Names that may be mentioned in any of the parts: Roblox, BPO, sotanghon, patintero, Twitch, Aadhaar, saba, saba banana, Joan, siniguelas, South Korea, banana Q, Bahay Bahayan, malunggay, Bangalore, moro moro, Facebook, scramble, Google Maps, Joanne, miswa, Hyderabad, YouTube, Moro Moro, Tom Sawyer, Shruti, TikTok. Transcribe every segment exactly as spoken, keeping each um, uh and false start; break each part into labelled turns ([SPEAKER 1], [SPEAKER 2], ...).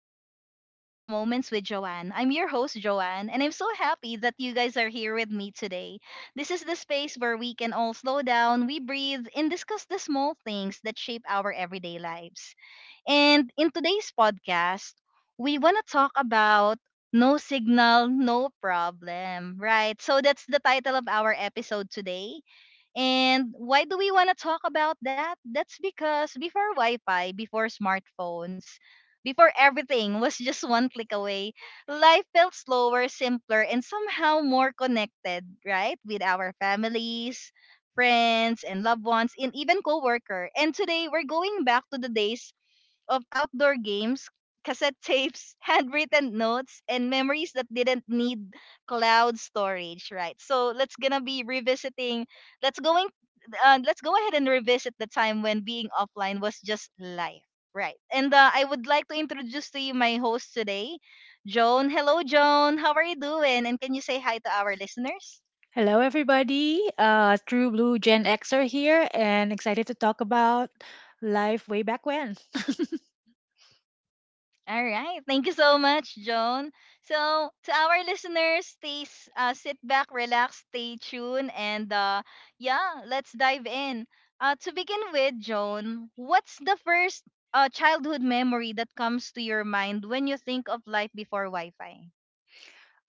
[SPEAKER 1] welcome to Mindful Moments with Joanne. I'm your host, Joanne, and I'm so happy that you guys are here with me today. This is the space where we can all slow down, we breathe, and discuss the small things that shape our everyday lives. And in today's podcast, we want to talk about no signal, no problem, right? So that's the title of our episode today. And why do we want to talk about that? That's because before Wi-Fi, before smartphones, before everything was just one click away, life felt slower, simpler, and somehow more connected, right? With our families, friends, and loved ones, and even coworker. And today we're going back to the days of outdoor games, cassette tapes, handwritten notes, and memories that didn't need cloud storage, right? So let's gonna be revisiting. Let's going. Uh, let's go ahead and revisit the time when being offline was just life, right? And uh, I would like to introduce to you my host today, Joan. Hello, Joan. How are you doing? And can you say hi to our listeners?
[SPEAKER 2] Hello, everybody. Uh, True Blue Gen Xer here, and excited to talk about life way back when.
[SPEAKER 1] All right. Thank you so much, Joan. So, to our listeners, stay s- uh, sit back, relax, stay tuned, and uh, yeah, let's dive in. Uh, to begin with, Joan, what's the first uh, childhood memory that comes to your mind when you think of life before Wi Fi?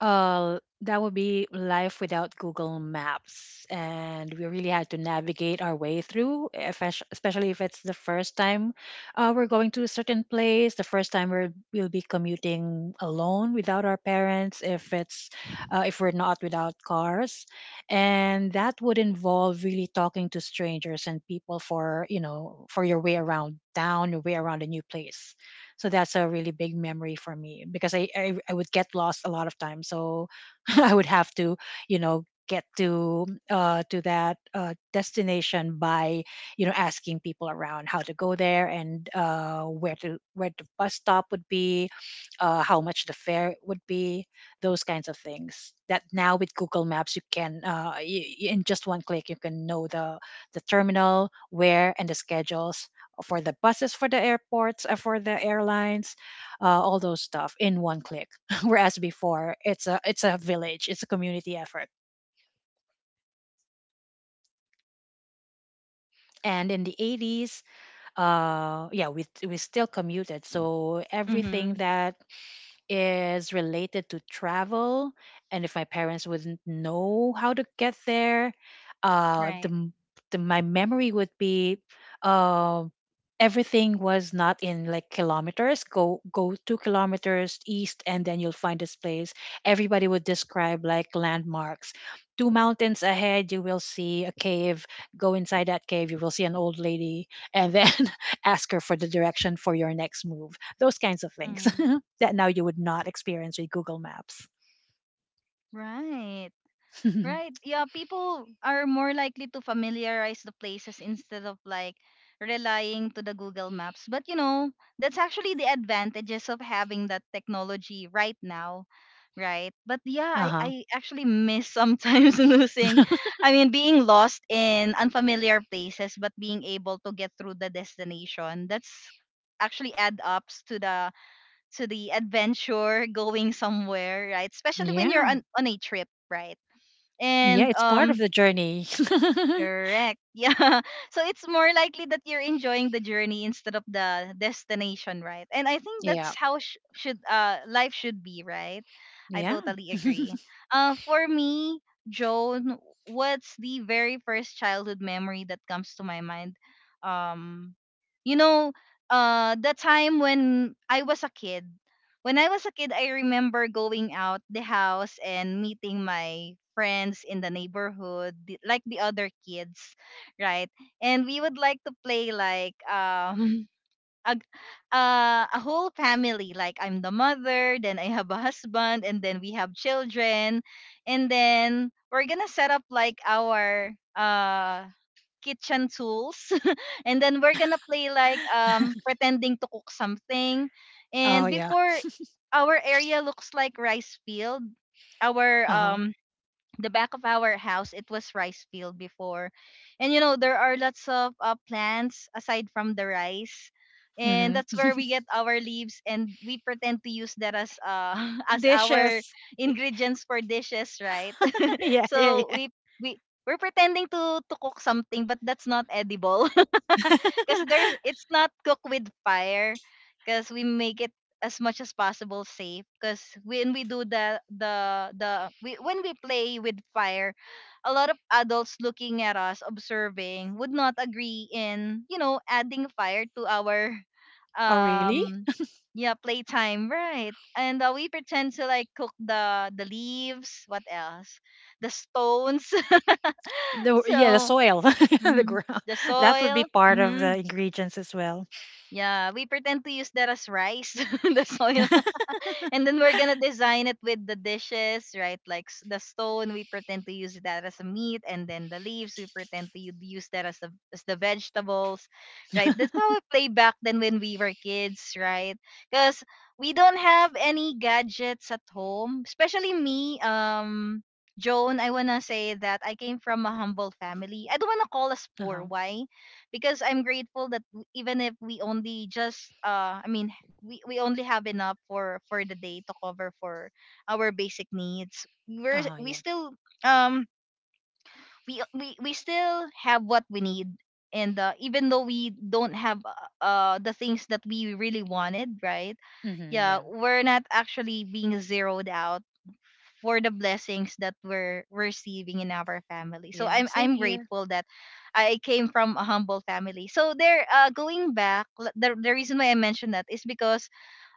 [SPEAKER 2] Uh, that would be life without Google Maps. And we really had to navigate our way through, espec- especially if it's the first time uh, we're going to a certain place, the first time we're, we'll be commuting alone without our parents, if it's uh, if we're not without cars. And that would involve really talking to strangers and people for, you know, for your way around town, your way around a new place. So that's a really big memory for me because I, I, I would get lost a lot of times. So I would have to, you know, get to uh, to that uh, destination by, you know, asking people around how to go there, and uh, where to where the bus stop would be, uh, how much the fare would be, those kinds of things. That now with Google Maps you can, uh, y y- in just one click you can know the the terminal, where, and the schedules for the buses, for the airports, uh, for the airlines, uh, all those stuff in one click. Whereas before, it's a it's a village, it's a community effort. And in the eighties, uh, yeah, we we still commuted, so everything
[SPEAKER 1] Mm-hmm.
[SPEAKER 2] that is related to travel, and if my parents wouldn't know how to get there, uh the,
[SPEAKER 1] Right.
[SPEAKER 2] m- the my memory would be, uh, everything was not in like kilometers. Go go two kilometers east and then you'll find this place. Everybody would describe like landmarks. Two mountains ahead you will see a cave. Go inside that cave you will see an old lady, and then ask her for the direction for your next move. Those kinds of things
[SPEAKER 1] Mm.
[SPEAKER 2] that now you would not experience with Google Maps.
[SPEAKER 1] Right. Right. Yeah, people are more likely to familiarize the places instead of like relying to the Google Maps. But you know, that's actually the advantages of having that technology right now, right? But yeah,
[SPEAKER 2] Uh
[SPEAKER 1] I,
[SPEAKER 2] huh.
[SPEAKER 1] I actually miss sometimes losing, I mean being lost in unfamiliar places but being able to get through the destination. That's actually add ups to the to the adventure going somewhere, right? Especially when you're
[SPEAKER 2] Yeah.
[SPEAKER 1] on, on a trip, right?
[SPEAKER 2] Yeah.
[SPEAKER 1] And
[SPEAKER 2] It's part of
[SPEAKER 1] um,
[SPEAKER 2] the journey.
[SPEAKER 1] correct. Yeah, so it's more likely that you're enjoying the journey instead of the destination, right? And I think
[SPEAKER 2] Yeah.
[SPEAKER 1] that's how sh- should uh life should be, right? I
[SPEAKER 2] Yeah.
[SPEAKER 1] totally agree. Uh for me, Joan, what's the very first childhood memory that comes to my mind? um you know uh the time when I was a kid when I was a kid, I remember going out the house and meeting my friends in the neighborhood, the- like the other kids, right? And we would like to play like um a, uh, a whole family. Like I'm the mother, then I have a husband, and then we have children, and then we're gonna set up like our uh kitchen tools and then we're gonna play like um pretending to cook something.
[SPEAKER 2] Oh,
[SPEAKER 1] And
[SPEAKER 2] yeah.
[SPEAKER 1] before, our area looks like rice field. Our
[SPEAKER 2] Uh huh.
[SPEAKER 1] um The back of our house, it was rice field before. And you know, there are lots of uh, plants aside from the rice, and that's
[SPEAKER 2] Mm-hmm.
[SPEAKER 1] where we get our leaves and we pretend to use that as uh as our
[SPEAKER 2] Dishes.
[SPEAKER 1] ingredients for dishes, right?
[SPEAKER 2] Yeah. Yeah.
[SPEAKER 1] So
[SPEAKER 2] Yeah.
[SPEAKER 1] we we we're pretending to to cook something, but that's not edible, because there's it's not cooked with fire, because we make it as much as possible safe. Because when we do the the the we, when we play with fire, a lot of adults looking at us observing would not agree in, you know, adding fire to our
[SPEAKER 2] Oh, really?
[SPEAKER 1] um yeah, playtime, right? And uh, we pretend to like cook the the leaves, what else, the stones.
[SPEAKER 2] The, yeah, the
[SPEAKER 1] So
[SPEAKER 2] soil, the
[SPEAKER 1] mhm,
[SPEAKER 2] ground.
[SPEAKER 1] the
[SPEAKER 2] That would be
[SPEAKER 1] soil,
[SPEAKER 2] part of the
[SPEAKER 1] mhm.
[SPEAKER 2] ingredients as well.
[SPEAKER 1] Yeah, we pretend to use that as rice, the soil, and then we're gonna design it with the dishes, right? Like s- the stone, we pretend to use that as a meat, and then the leaves, we pretend to u- use that as, a, as the vegetables, right? That's how we play back then when we were kids, right? Because we don't have any gadgets at home, especially me. Um, Joan, I wanna say that I came from a humble family. I don't wanna call us
[SPEAKER 2] Uh
[SPEAKER 1] poor.
[SPEAKER 2] huh.
[SPEAKER 1] Why? Because I'm grateful that w- even if we only just, uh, I mean, we we only have enough for for the day to cover for our basic needs.
[SPEAKER 2] Uh
[SPEAKER 1] we're
[SPEAKER 2] huh.
[SPEAKER 1] we
[SPEAKER 2] Yeah.
[SPEAKER 1] still um, we we, we still have what we need. And uh, even though we don't have uh uh, the things that we really wanted, right?
[SPEAKER 2] Mm-hmm. Yeah.
[SPEAKER 1] Yeah, we're not actually being zeroed out for the blessings that we're receiving in our family, so
[SPEAKER 2] Yeah.
[SPEAKER 1] i'm
[SPEAKER 2] Same
[SPEAKER 1] i'm
[SPEAKER 2] here.
[SPEAKER 1] grateful that I came from a humble family. So there, uh, going back, l- the the reason why I mentioned that is because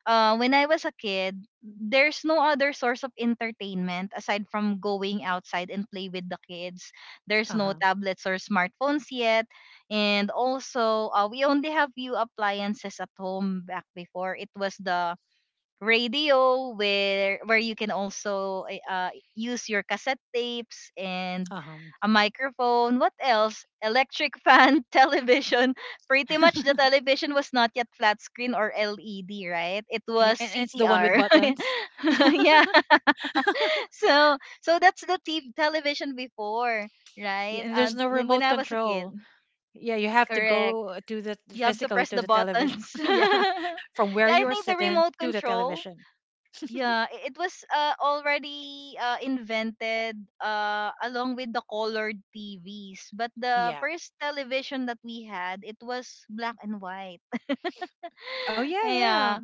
[SPEAKER 1] uh, when I was a kid, there's no other source of entertainment aside from going outside and play with the kids. There's
[SPEAKER 2] Uh
[SPEAKER 1] no
[SPEAKER 2] huh.
[SPEAKER 1] tablets or smartphones yet. And also, uh, we only have few appliances at home back before. It was the radio where where you can also eh, uh, use your cassette tapes and
[SPEAKER 2] Uh huh.
[SPEAKER 1] a microphone, what else, electric fan, television. Pretty much the television was not yet flat screen or led, right? It
[SPEAKER 2] Yeah.
[SPEAKER 1] was
[SPEAKER 2] And, and it's the one with
[SPEAKER 1] ctr.
[SPEAKER 2] buttons.
[SPEAKER 1] Yeah. So so that's the t- television before, right?
[SPEAKER 2] Yeah, and there's
[SPEAKER 1] And
[SPEAKER 2] no
[SPEAKER 1] when
[SPEAKER 2] remote
[SPEAKER 1] I was a kid,
[SPEAKER 2] control. Yeah, you have to
[SPEAKER 1] correct,
[SPEAKER 2] go to the
[SPEAKER 1] you have to
[SPEAKER 2] physically
[SPEAKER 1] press
[SPEAKER 2] to
[SPEAKER 1] the
[SPEAKER 2] the television.
[SPEAKER 1] buttons.
[SPEAKER 2] Yeah, from where
[SPEAKER 1] Yeah, I
[SPEAKER 2] you are
[SPEAKER 1] think the
[SPEAKER 2] sitting
[SPEAKER 1] remote
[SPEAKER 2] to the
[SPEAKER 1] control,
[SPEAKER 2] television.
[SPEAKER 1] yeah, i- it was uh, already uh, invented uh, along with the colored T Vs. But the
[SPEAKER 2] Yeah.
[SPEAKER 1] first television that we had, it was black and white.
[SPEAKER 2] Oh yeah, yeah.
[SPEAKER 1] Yeah.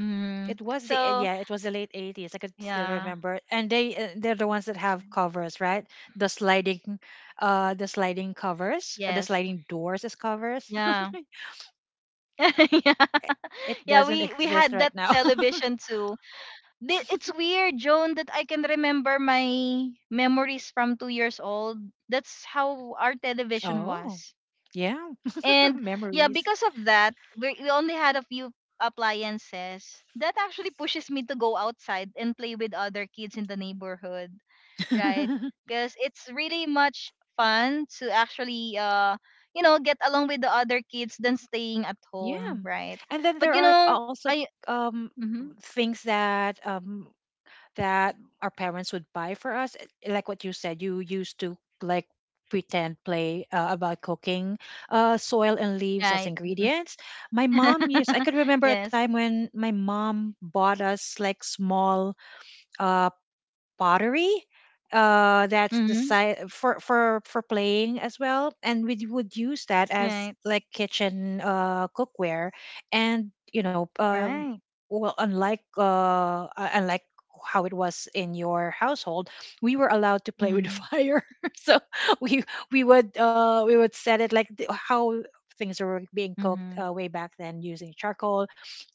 [SPEAKER 1] Mm.
[SPEAKER 2] It was the eh,
[SPEAKER 1] So,
[SPEAKER 2] yeah, it was the
[SPEAKER 1] s-
[SPEAKER 2] late eighties. I could still
[SPEAKER 1] yeah.
[SPEAKER 2] remember. And they uh, they're the ones that have covers, right? The sliding, uh, the sliding covers, or the
[SPEAKER 1] Yes.
[SPEAKER 2] sliding doors as covers.
[SPEAKER 1] Yeah. Yeah.
[SPEAKER 2] I- it
[SPEAKER 1] Yeah,
[SPEAKER 2] doesn't
[SPEAKER 1] we we
[SPEAKER 2] exist
[SPEAKER 1] had
[SPEAKER 2] right
[SPEAKER 1] that
[SPEAKER 2] now.
[SPEAKER 1] television too. Thi- It's weird, Joan, that I can remember my memories from two years old. That's how our television was.
[SPEAKER 2] Oh, yeah,
[SPEAKER 1] And yeah,
[SPEAKER 2] memories.
[SPEAKER 1] because of that, we, we only had a few appliances. That actually pushes me to go outside and play with other kids in the neighborhood, right? Because it's really much fun to actually, uh, you know, get along with the other kids than staying at home,
[SPEAKER 2] Yeah,
[SPEAKER 1] right?
[SPEAKER 2] and then
[SPEAKER 1] But you
[SPEAKER 2] there are
[SPEAKER 1] know,
[SPEAKER 2] also
[SPEAKER 1] I,
[SPEAKER 2] um
[SPEAKER 1] mm-hmm,
[SPEAKER 2] things that um that our parents would buy for us. Eh, Like what you said, you used to like pretend play uh, about cooking, uh, soil and leaves as
[SPEAKER 1] right?
[SPEAKER 2] ingredients. My mom used, I could remember a
[SPEAKER 1] Yes.
[SPEAKER 2] time when my mom bought us like small, uh, pottery. Uh, that's the
[SPEAKER 1] Mm-hmm,
[SPEAKER 2] size for for for playing as well, and we would use that as
[SPEAKER 1] right.
[SPEAKER 2] like kitchen uh cookware, and you know uh
[SPEAKER 1] Right.
[SPEAKER 2] well, unlike uh uh, unlike how it was in your household, we were allowed to play with
[SPEAKER 1] Mm-hmm,
[SPEAKER 2] fire. So we we would uh we would set it like th- how things were being cooked,
[SPEAKER 1] mm-hmm,
[SPEAKER 2] uh, way back then using charcoal,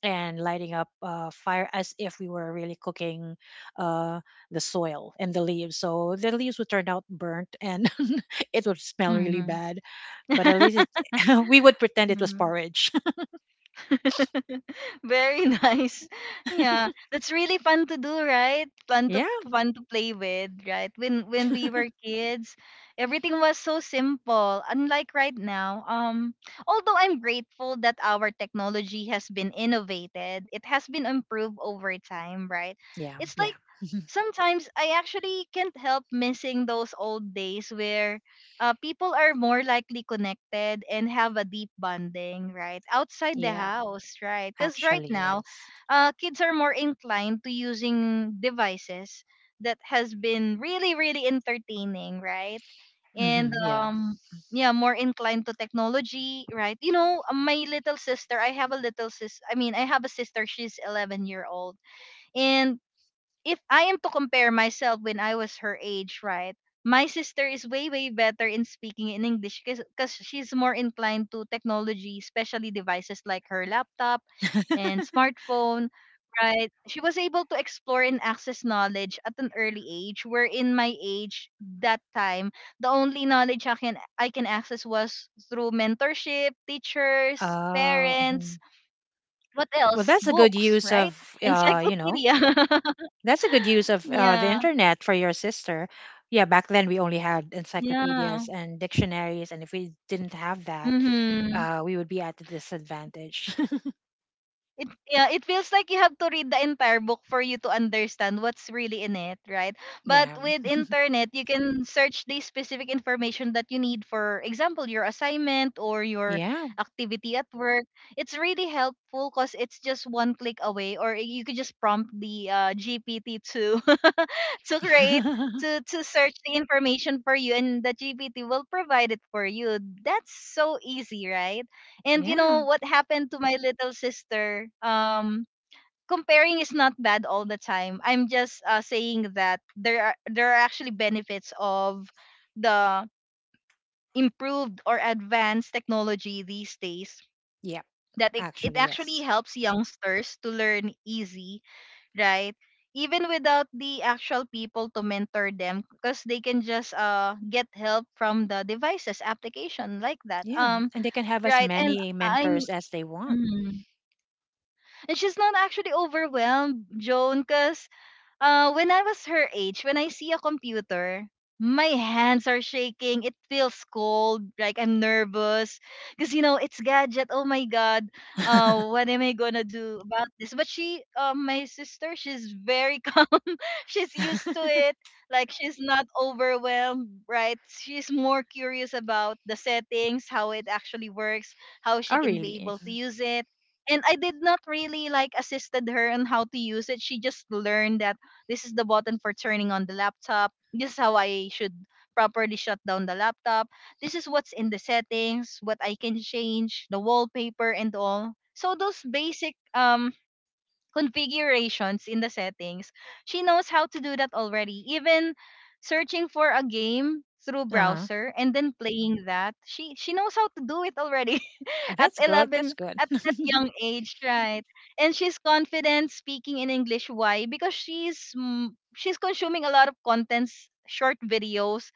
[SPEAKER 2] and lighting up, uh, fire as if we were really cooking, uh, the soil and the leaves. So the leaves would turn out burnt and it would smell really bad, but at least,
[SPEAKER 1] mm-hmm.
[SPEAKER 2] it, we would pretend it was porridge.
[SPEAKER 1] Very nice. Yeah, that's really fun to do, right? Fun to
[SPEAKER 2] Yeah,
[SPEAKER 1] fun to play with, right? When when we were kids, everything was so simple. Unlike right now, um, although I'm grateful that our technology has been innovated, it has been improved over time, right?
[SPEAKER 2] yeah,
[SPEAKER 1] It's like
[SPEAKER 2] yeah,
[SPEAKER 1] sometimes I actually can't help missing those old days where uh, people are more likely connected and have a deep bonding, right? Outside the
[SPEAKER 2] yeah.
[SPEAKER 1] house, right? Because right
[SPEAKER 2] Actually,
[SPEAKER 1] now,
[SPEAKER 2] yes.
[SPEAKER 1] uh, kids are more inclined to using devices that has been really, really entertaining, right? And
[SPEAKER 2] Hmm, yeah.
[SPEAKER 1] um, yeah, more inclined to technology, right? You know, uh, my little sister, I have a little sis. I mean, I have a sister. She's eleven year old, and if I am to compare myself when I was her age, right? My sister is way way better in speaking in English because she's more inclined to technology, especially devices like her laptop and smartphone, right? She was able to explore and access knowledge at an early age, where in my age that time, the only knowledge I can I can access was through mentorship, teachers,
[SPEAKER 2] Uh,
[SPEAKER 1] parents,
[SPEAKER 2] mhm.
[SPEAKER 1] what
[SPEAKER 2] Well,
[SPEAKER 1] else?
[SPEAKER 2] that's a good
[SPEAKER 1] Books,
[SPEAKER 2] use
[SPEAKER 1] right?
[SPEAKER 2] of, uh, you know,
[SPEAKER 1] Encyclopedia.
[SPEAKER 2] that's a good use of uh, the
[SPEAKER 1] Yeah.
[SPEAKER 2] internet for your sister. Yeah, back then we only had
[SPEAKER 1] Yeah.
[SPEAKER 2] encyclopedias and dictionaries, and if we didn't have that,
[SPEAKER 1] Mhm.
[SPEAKER 2] uh, we would be at a disadvantage.
[SPEAKER 1] It yeah it feels like you have to read the entire book for you to understand what's really in it, right? But
[SPEAKER 2] Yeah,
[SPEAKER 1] with internet you can search the specific information that you need, for example your assignment or your
[SPEAKER 2] yeah,
[SPEAKER 1] activity at work. It's really helpful because it's just one click away, or you could just prompt the uh, gpt to to create to, to search the information for you and the gpt will provide it for you. That's so easy, right? And you
[SPEAKER 2] yeah,
[SPEAKER 1] know what happened to my little sister? Um, comparing is not bad all the time. I'm just uh, saying that there are there are actually benefits of the improved or advanced technology these days,
[SPEAKER 2] yeah.
[SPEAKER 1] that it, it
[SPEAKER 2] Actually,
[SPEAKER 1] actually
[SPEAKER 2] yes.
[SPEAKER 1] helps youngsters to learn easy, right? Even without the actual people to mentor them because they can just uh get help from the devices application like that.
[SPEAKER 2] Yeah,
[SPEAKER 1] Um,
[SPEAKER 2] and they can have as
[SPEAKER 1] right, and
[SPEAKER 2] many
[SPEAKER 1] I'm
[SPEAKER 2] mentors as they want.
[SPEAKER 1] mhm. And she's not actually overwhelmed, Joan, because uh, when I was her age, when I see a computer, my hands are shaking. It feels cold, like I'm nervous. Because, you know, it's gadget. Oh my God. Uh, what am I going to do about this? But she, uh, my sister, she's very calm. She's used to it. Like she's not overwhelmed, right? She's more curious about the settings, how it actually works, how she
[SPEAKER 2] Oh,
[SPEAKER 1] can be
[SPEAKER 2] really?
[SPEAKER 1] able to use it. And I did not really like assisted her on how to use it. She just learned that this is the button for turning on the laptop. This is how I should properly shut down the laptop. This is what's in the settings, what I can change, the wallpaper and all. So those basic um configurations in the settings, she knows how to do that already. Even searching for a game through
[SPEAKER 2] Uh huh.
[SPEAKER 1] browser and then playing that, she she knows how to do it already at
[SPEAKER 2] That's good.
[SPEAKER 1] eleven,
[SPEAKER 2] That's good.
[SPEAKER 1] at that young age, right? And she's confident speaking in English. Why? Because she's mm, she's consuming a lot of contents, short videos,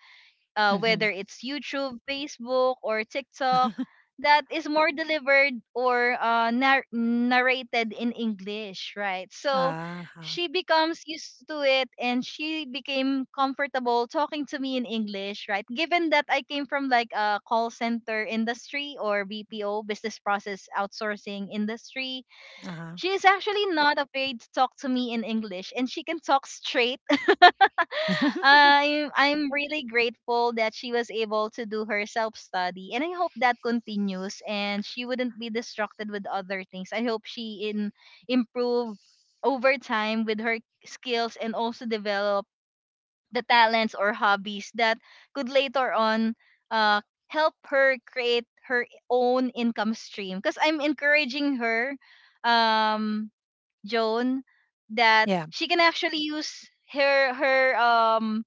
[SPEAKER 1] uh,
[SPEAKER 2] Mm-hmm.
[SPEAKER 1] whether it's YouTube, Facebook, or TikTok, that is more delivered or uh, nar- narrated in English, right? So
[SPEAKER 2] Uh-huh.
[SPEAKER 1] she becomes used to it and she became comfortable talking to me in English, right? Given that I came from like a call center industry or B P O, business process outsourcing industry,
[SPEAKER 2] Uh-huh.
[SPEAKER 1] she is actually not afraid to talk to me in English and she can talk straight. I'm I'm really grateful that she was able to do her self study, and I hope that continues. And she wouldn't be distracted with other things. I hope she in improve over time with her skills and also develop the talents or hobbies that could later on uh, help her create her own income stream. Because I'm encouraging her, um, Joan, that
[SPEAKER 2] Yeah.
[SPEAKER 1] she can actually use her her um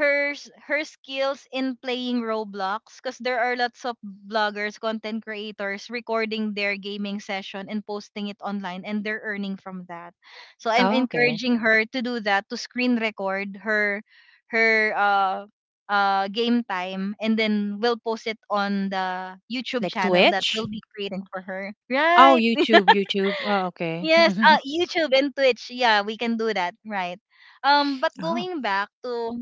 [SPEAKER 1] her s- her skills in playing Roblox, because there are lots of bloggers, content creators recording their gaming session and posting it online and they're earning from that. So I'm
[SPEAKER 2] Oh, okay.
[SPEAKER 1] encouraging her to do that, to screen record her her uh uh game time, and then we'll post it on the YouTube
[SPEAKER 2] Like
[SPEAKER 1] channel that
[SPEAKER 2] Twitch?
[SPEAKER 1] we'll be creating for her.
[SPEAKER 2] Oh,
[SPEAKER 1] Right.
[SPEAKER 2] YouTube, YouTube. Oh, okay.
[SPEAKER 1] Yes, uh YouTube and Twitch. Yeah, we can do that. Right. Um but
[SPEAKER 2] Oh.
[SPEAKER 1] going back to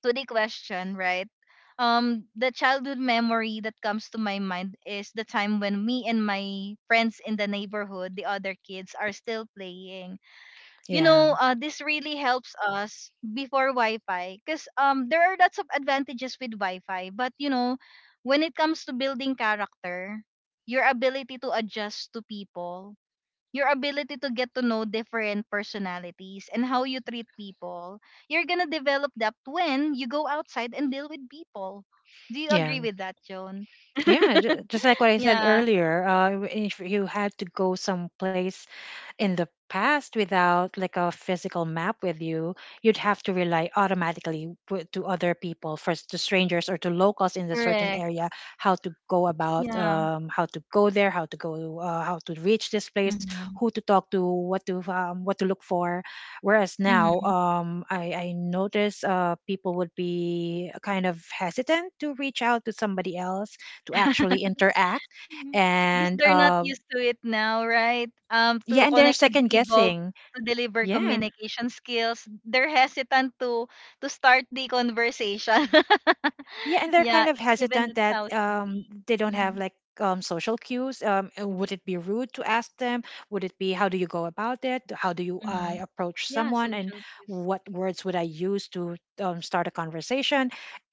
[SPEAKER 1] to the question, right? Um, the childhood memory that comes to my mind is the time when me and my friends in the neighborhood, the other kids, are still playing. You
[SPEAKER 2] Yeah,
[SPEAKER 1] know, uh, this really helps us before Wi-Fi, because um, there are lots of advantages with Wi-Fi, but you know, when it comes to building character, your ability to adjust to people, your ability to get to know different personalities and how you treat people, you're gonna develop that when you go outside and deal with people. Do you
[SPEAKER 2] yeah,
[SPEAKER 1] agree with that, Joan?
[SPEAKER 2] yeah. ju- Just like what I said
[SPEAKER 1] Yeah,
[SPEAKER 2] earlier, uh, if you had to go someplace in the past without like a physical map with you, you'd have to rely automatically, w- to other people first, to strangers or to locals in the certain
[SPEAKER 1] correct.
[SPEAKER 2] area, how to go about,
[SPEAKER 1] Yeah.
[SPEAKER 2] um, how to go there, how to go uh, how to reach this place,
[SPEAKER 1] Mm-hmm.
[SPEAKER 2] who to talk to, what to um, what to look for. Whereas now,
[SPEAKER 1] Mm-hmm.
[SPEAKER 2] um, I, I notice uh, people would be kind of hesitant to reach out to somebody else, to actually interact,
[SPEAKER 1] Because
[SPEAKER 2] and
[SPEAKER 1] they're not
[SPEAKER 2] uh,
[SPEAKER 1] used to it now, right? Um,
[SPEAKER 2] yeah,
[SPEAKER 1] to
[SPEAKER 2] and they're
[SPEAKER 1] connect with
[SPEAKER 2] second
[SPEAKER 1] people,
[SPEAKER 2] guessing.
[SPEAKER 1] to deliver
[SPEAKER 2] Yeah.
[SPEAKER 1] communication skills, they're hesitant to to start the conversation.
[SPEAKER 2] Yeah, and they're
[SPEAKER 1] Yeah,
[SPEAKER 2] kind of
[SPEAKER 1] e- even
[SPEAKER 2] hesitant
[SPEAKER 1] that's
[SPEAKER 2] that,
[SPEAKER 1] how it should
[SPEAKER 2] um,
[SPEAKER 1] be.
[SPEAKER 2] they don't have
[SPEAKER 1] Mm-hmm.
[SPEAKER 2] like, um, social cues. Um, uh, would it be rude to ask them? Would it be How do you go about it? How do you I
[SPEAKER 1] Mm-hmm.
[SPEAKER 2] approach
[SPEAKER 1] Yeah,
[SPEAKER 2] someone, and
[SPEAKER 1] social cues.
[SPEAKER 2] what words would I use to, um, start a conversation?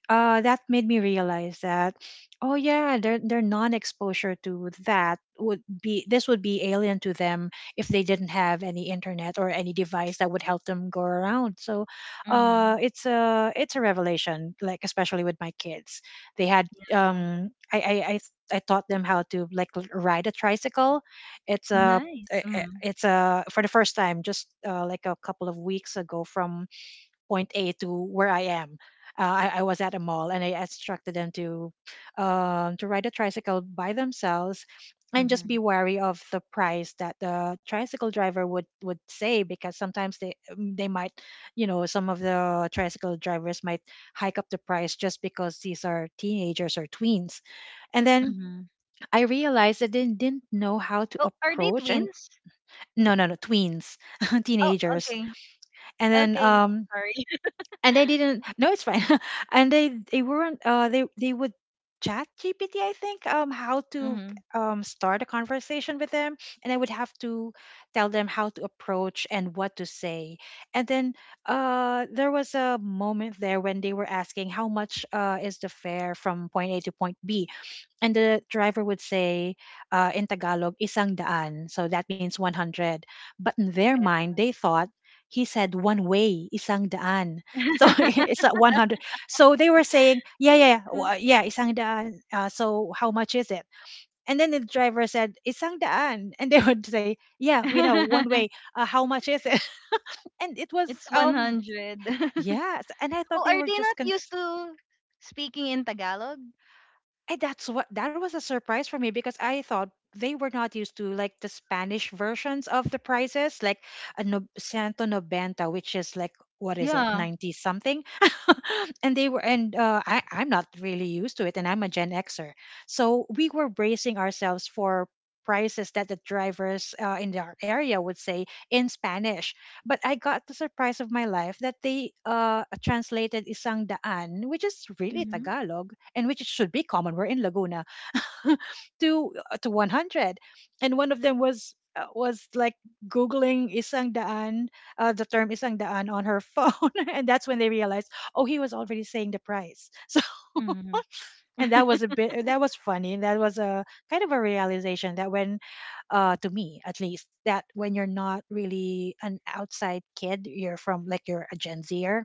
[SPEAKER 2] uh, That made me realize that, oh yeah, their their non-exposure to that would be this would be alien to them if they didn't have any internet or any device that would help them go around. So, uh,
[SPEAKER 1] Mm-hmm.
[SPEAKER 2] it's a it's a revelation. Like especially with my kids, they had
[SPEAKER 1] Wow.
[SPEAKER 2] um, I I I, th- I taught them how to like l- ride a tricycle. It's a i-
[SPEAKER 1] Nice.
[SPEAKER 2] i-
[SPEAKER 1] Mm.
[SPEAKER 2] it's a for the first time, just uh, like a couple of weeks ago, from point A to where I am. Uh, I, I was at a mall and I instructed them to, um, to ride a tricycle by themselves, and just
[SPEAKER 1] Mm-hmm.
[SPEAKER 2] be wary of the price that the tricycle driver would would say, because sometimes they mm, they might, you know some of the tricycle drivers might hike up the price just because these are teenagers or tweens. And then
[SPEAKER 1] Mm-hmm.
[SPEAKER 2] I realized that they didn't know how to
[SPEAKER 1] Oh, are they
[SPEAKER 2] approach, and
[SPEAKER 1] twins?
[SPEAKER 2] no, no, no, tweens,
[SPEAKER 1] Oh,
[SPEAKER 2] teenagers.
[SPEAKER 1] okay.
[SPEAKER 2] And then,
[SPEAKER 1] Okay.
[SPEAKER 2] um
[SPEAKER 1] Sorry.
[SPEAKER 2] and they didn't, no, it's fine, and they they weren't, uh they they would chat G P T, I think, um how to,
[SPEAKER 1] Mm-hmm.
[SPEAKER 2] um start a conversation with them. And I would have to tell them how to approach and what to say. And then, uh there was a moment there when they were asking how much, uh is the fare from point A to point B. And the driver would say, uh, in Tagalog, isang daan. So that means one hundred. But in their mind,
[SPEAKER 1] Pesos.
[SPEAKER 2] they thought he said one way, isang daan. So it's at one hundred. So they were saying, yeah, yeah, yeah, wa- yeah, isang daan. Uh, so how much is it? And then the driver said, isang daan. And they would say, yeah, we know, one way. Uh, how much is it? And it was,
[SPEAKER 1] It's
[SPEAKER 2] um,
[SPEAKER 1] one hundred. Oh,
[SPEAKER 2] yes. And I thought they
[SPEAKER 1] are
[SPEAKER 2] were
[SPEAKER 1] they
[SPEAKER 2] just
[SPEAKER 1] not used
[SPEAKER 2] confused.
[SPEAKER 1] to speaking in Tagalog?
[SPEAKER 2] And that's what that was a surprise for me, because I thought they were not used to like the Spanish versions of the prices, like a no, Santo Noventa, which is like, what is it,
[SPEAKER 1] Yeah.
[SPEAKER 2] ninety something, and they were and uh, I I'm not really used to it, and I'm a Gen Xer, so we were bracing ourselves for prices that the drivers, uh, in our area, would say in Spanish. But I got the surprise of my life that they, uh, translated isang daan, which is really
[SPEAKER 1] Mm-hmm.
[SPEAKER 2] Tagalog, in which it should be common. We're in Laguna, to uh, to one hundred, and one of them was uh, was like googling isang daan, uh, the term isang daan on her phone, and that's when they realized, oh, he was already saying the price. So,
[SPEAKER 1] Mm-hmm.
[SPEAKER 2] and that was a bit that was funny. And that was a kind of a realization that, when, uh, to me at least, that when you're not really an outside kid, you're from like you're a Gen Zer,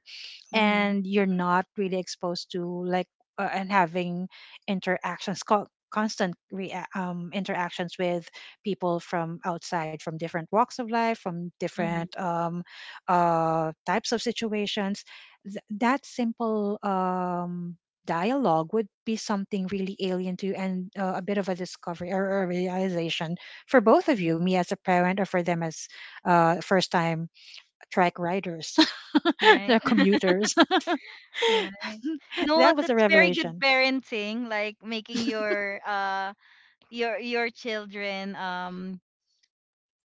[SPEAKER 1] Mm-hmm.
[SPEAKER 2] and you're not really exposed to like, uh, and having interactions, co- constant, rea- um, interactions with people from outside, from different walks of life, from different,
[SPEAKER 1] Mm-hmm.
[SPEAKER 2] um, uh, types of situations, th- that simple, um, dialogue would be something really alien to, and uh, a bit of a discovery or a realization for both of you me as a parent, or for them as, uh, first time track riders.
[SPEAKER 1] Right.
[SPEAKER 2] They're commuters.
[SPEAKER 1] Right. You know
[SPEAKER 2] That
[SPEAKER 1] what?
[SPEAKER 2] was a
[SPEAKER 1] That's very good
[SPEAKER 2] revelation.
[SPEAKER 1] parenting, like making your uh your your children um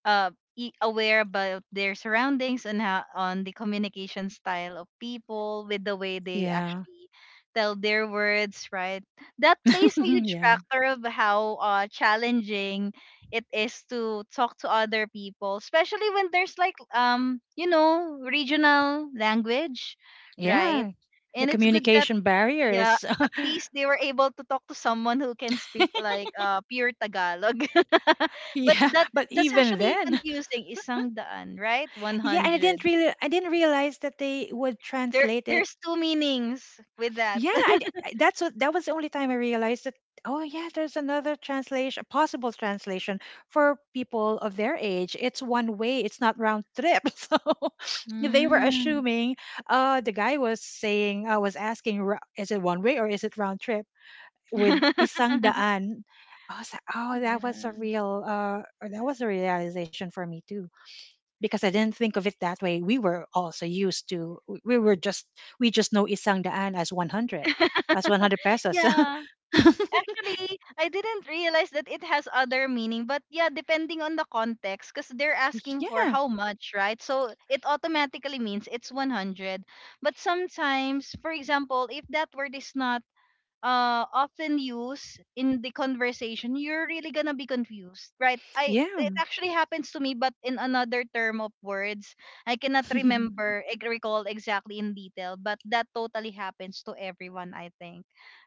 [SPEAKER 1] uh, i- aware about their surroundings and how, on the communication style of people, with the way they
[SPEAKER 2] Yeah.
[SPEAKER 1] actually tell their words, right? That plays a huge
[SPEAKER 2] Yeah.
[SPEAKER 1] factor of how uh, challenging it is to talk to other people, especially when there's like um you know, regional language,
[SPEAKER 2] Yeah.
[SPEAKER 1] right?
[SPEAKER 2] The
[SPEAKER 1] And it's good that,
[SPEAKER 2] communication
[SPEAKER 1] yeah,
[SPEAKER 2] barriers.
[SPEAKER 1] at least they were able to talk to someone who can speak like uh, pure Tagalog. But
[SPEAKER 2] Yeah.
[SPEAKER 1] that
[SPEAKER 2] But
[SPEAKER 1] that's
[SPEAKER 2] even
[SPEAKER 1] actually
[SPEAKER 2] then,
[SPEAKER 1] confusing. Isang daan, right?
[SPEAKER 2] yeah. And I
[SPEAKER 1] one hundred.
[SPEAKER 2] didn't really, I didn't realize that they would
[SPEAKER 1] There
[SPEAKER 2] translate it.
[SPEAKER 1] there's two meanings with that.
[SPEAKER 2] Yeah. I, d- I- that's what, that was the only time I realized that, oh, yeah, there's another translation, a possible translation for people of their age. It's one way, it's not round trip. So they were
[SPEAKER 1] Mm.
[SPEAKER 2] assuming, uh, the guy was saying, I was asking, "Ra- is it one way or is it round trip? With isang daan." I was like, oh, that was a
[SPEAKER 1] Yeah.
[SPEAKER 2] real, uh, or that was a realization for me too, because I didn't think of it that way. We were also used to, we we were just, we just know isang daan as one hundred, as one hundred pesos.
[SPEAKER 1] Yeah. Actually, I didn't realize that it has other meaning, but yeah, depending on the context, because they're asking for
[SPEAKER 2] Yeah,
[SPEAKER 1] how much, right? So it automatically means it's one hundred. But sometimes, for example, if that word is not uh often used in the conversation, you're really gonna be confused, right? I
[SPEAKER 2] yeah.
[SPEAKER 1] It actually happens to me, but in another term of words, I cannot remember, ec- recall exactly in detail, but that totally happens to everyone, I think,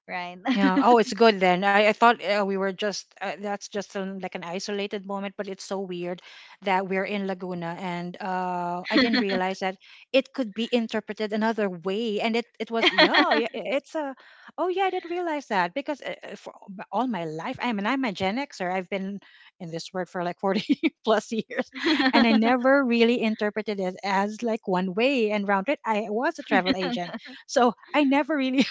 [SPEAKER 1] right?
[SPEAKER 2] Yeah. Oh, it's good then. I, I thought uh, we were just, uh, that's just an, like an isolated moment, but it's so weird that we're in Laguna. And uh, I didn't realize that it could be interpreted another way. And it, it was, yeah, yeah, i- it's a, oh, yeah, I didn't realize that because uh, uh, for all my all my life. I mean, I'm a Gen Xer. I've been in this work for like forty plus years. And I never really interpreted it as like one way. And round it, I was a travel agent. So I never really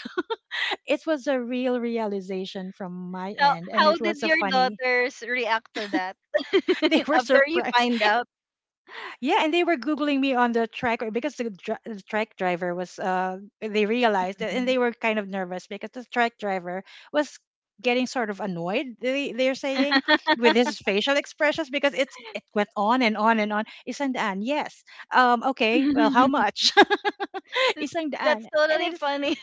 [SPEAKER 2] it was a real realization from my
[SPEAKER 1] How
[SPEAKER 2] end, and
[SPEAKER 1] how
[SPEAKER 2] it was
[SPEAKER 1] did
[SPEAKER 2] so
[SPEAKER 1] your
[SPEAKER 2] funny.
[SPEAKER 1] daughters react to that
[SPEAKER 2] They were
[SPEAKER 1] after you
[SPEAKER 2] surprised.
[SPEAKER 1] find out?
[SPEAKER 2] Yeah, and they were googling me on the track or because the, dri- the track driver was. Uh, they realized, it, and they were kind of nervous because the track driver was getting sort of annoyed. They they're saying with his facial expressions because it's it went on and on and on. Isang daan, yes. Um, okay, well, how
[SPEAKER 1] That's
[SPEAKER 2] much? Isang daan,
[SPEAKER 1] that's
[SPEAKER 2] and
[SPEAKER 1] totally
[SPEAKER 2] it's
[SPEAKER 1] funny,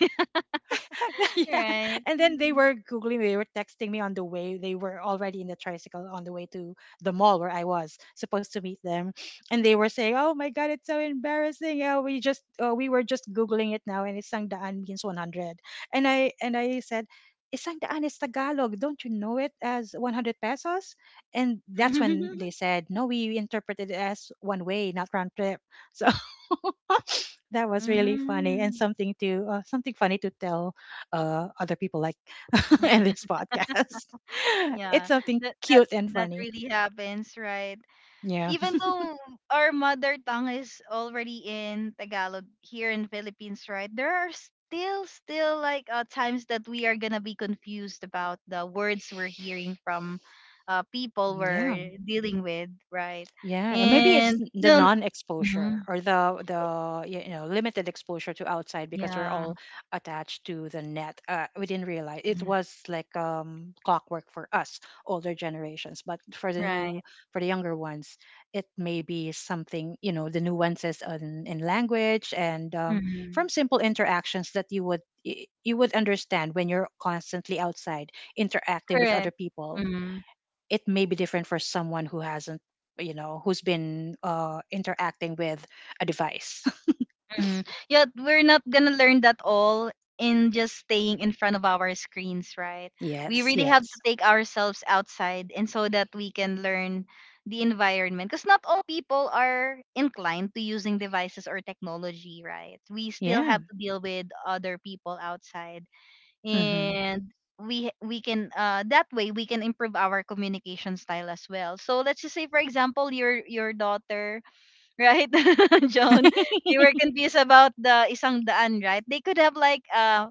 [SPEAKER 2] yeah.
[SPEAKER 1] right?
[SPEAKER 2] And then they
[SPEAKER 1] Mm.
[SPEAKER 2] were Googling, they were texting me on the way. They were already in the tricycle on the way to the mall where I was supposed to meet them. And they were saying, "Oh my God, it's so embarrassing. Oh, we just, oh, we were just Googling it now and isang daan means one hundred" And I, and I said, "Isang daan is Tagalog. Don't you know it as one hundred pesos?" And that's when they said, "No, we interpreted it as one way, not round trip." So that was really funny and
[SPEAKER 1] Mm.
[SPEAKER 2] something to uh, something funny to tell uh, other people like in this podcast. It's
[SPEAKER 1] Yeah,
[SPEAKER 2] something
[SPEAKER 1] that that
[SPEAKER 2] cute and
[SPEAKER 1] that
[SPEAKER 2] funny.
[SPEAKER 1] really happens, right?
[SPEAKER 2] Yeah.
[SPEAKER 1] Even though our mother tongue is already in Tagalog here in Philippines, right? There are still still like uh, times that we are gonna be confused about the words we're hearing from uh, people
[SPEAKER 2] Yeah.
[SPEAKER 1] we're dealing with, right?
[SPEAKER 2] Yeah, and maybe it's
[SPEAKER 1] And
[SPEAKER 2] n- the
[SPEAKER 1] you know,
[SPEAKER 2] non-exposure
[SPEAKER 1] mhm,
[SPEAKER 2] or the the y- you know, limited exposure to outside because we're
[SPEAKER 1] yeah,
[SPEAKER 2] all attached to the net. Uh, we didn't realize it
[SPEAKER 1] mm,
[SPEAKER 2] was like um, clockwork for us older generations, but for the
[SPEAKER 1] right,
[SPEAKER 2] new for the younger ones, it may be something, you know, the nuances in, in language and um,
[SPEAKER 1] hmm,
[SPEAKER 2] from simple interactions that you would y- you would understand when you're constantly outside interacting with
[SPEAKER 1] correct.
[SPEAKER 2] other people.
[SPEAKER 1] Mm-hmm.
[SPEAKER 2] It may be different for someone who hasn't, you know, who's been uh interacting with a device.
[SPEAKER 1] Mm. Yeah, we're not gonna learn that all in just staying in front of our screens, right? We
[SPEAKER 2] Yes,
[SPEAKER 1] really have to
[SPEAKER 2] yes.
[SPEAKER 1] take ourselves outside, and so that we can learn the environment. Because not all people are inclined to using devices or technology, right? We still
[SPEAKER 2] Yeah.
[SPEAKER 1] have to deal with other people outside.
[SPEAKER 2] Hmm.
[SPEAKER 1] And we we can uh that way we can improve our communication style as well. So let's just say for example, your your daughter, right, Joan? They were confused about the isang daan, right? They could have like uh,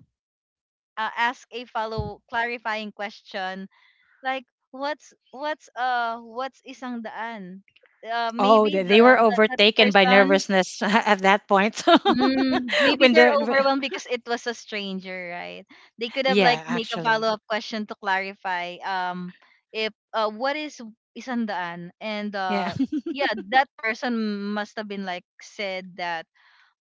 [SPEAKER 1] uh ask a follow clarifying question, like what's what's uh what's isang daan? Uh,
[SPEAKER 2] Oh,
[SPEAKER 1] maybe
[SPEAKER 2] they,
[SPEAKER 1] the,
[SPEAKER 2] they were
[SPEAKER 1] the that
[SPEAKER 2] overtaken by
[SPEAKER 1] person,
[SPEAKER 2] nervousness at that point.
[SPEAKER 1] mm, maybe
[SPEAKER 2] when
[SPEAKER 1] they're
[SPEAKER 2] the wh-
[SPEAKER 1] overwhelmed because it was a stranger, right? They could have
[SPEAKER 2] yeah,
[SPEAKER 1] like make a
[SPEAKER 2] actually.
[SPEAKER 1] follow up question to clarify um if uh what is isang daan, and
[SPEAKER 2] Yeah.
[SPEAKER 1] uh yeah, that person must have been like said that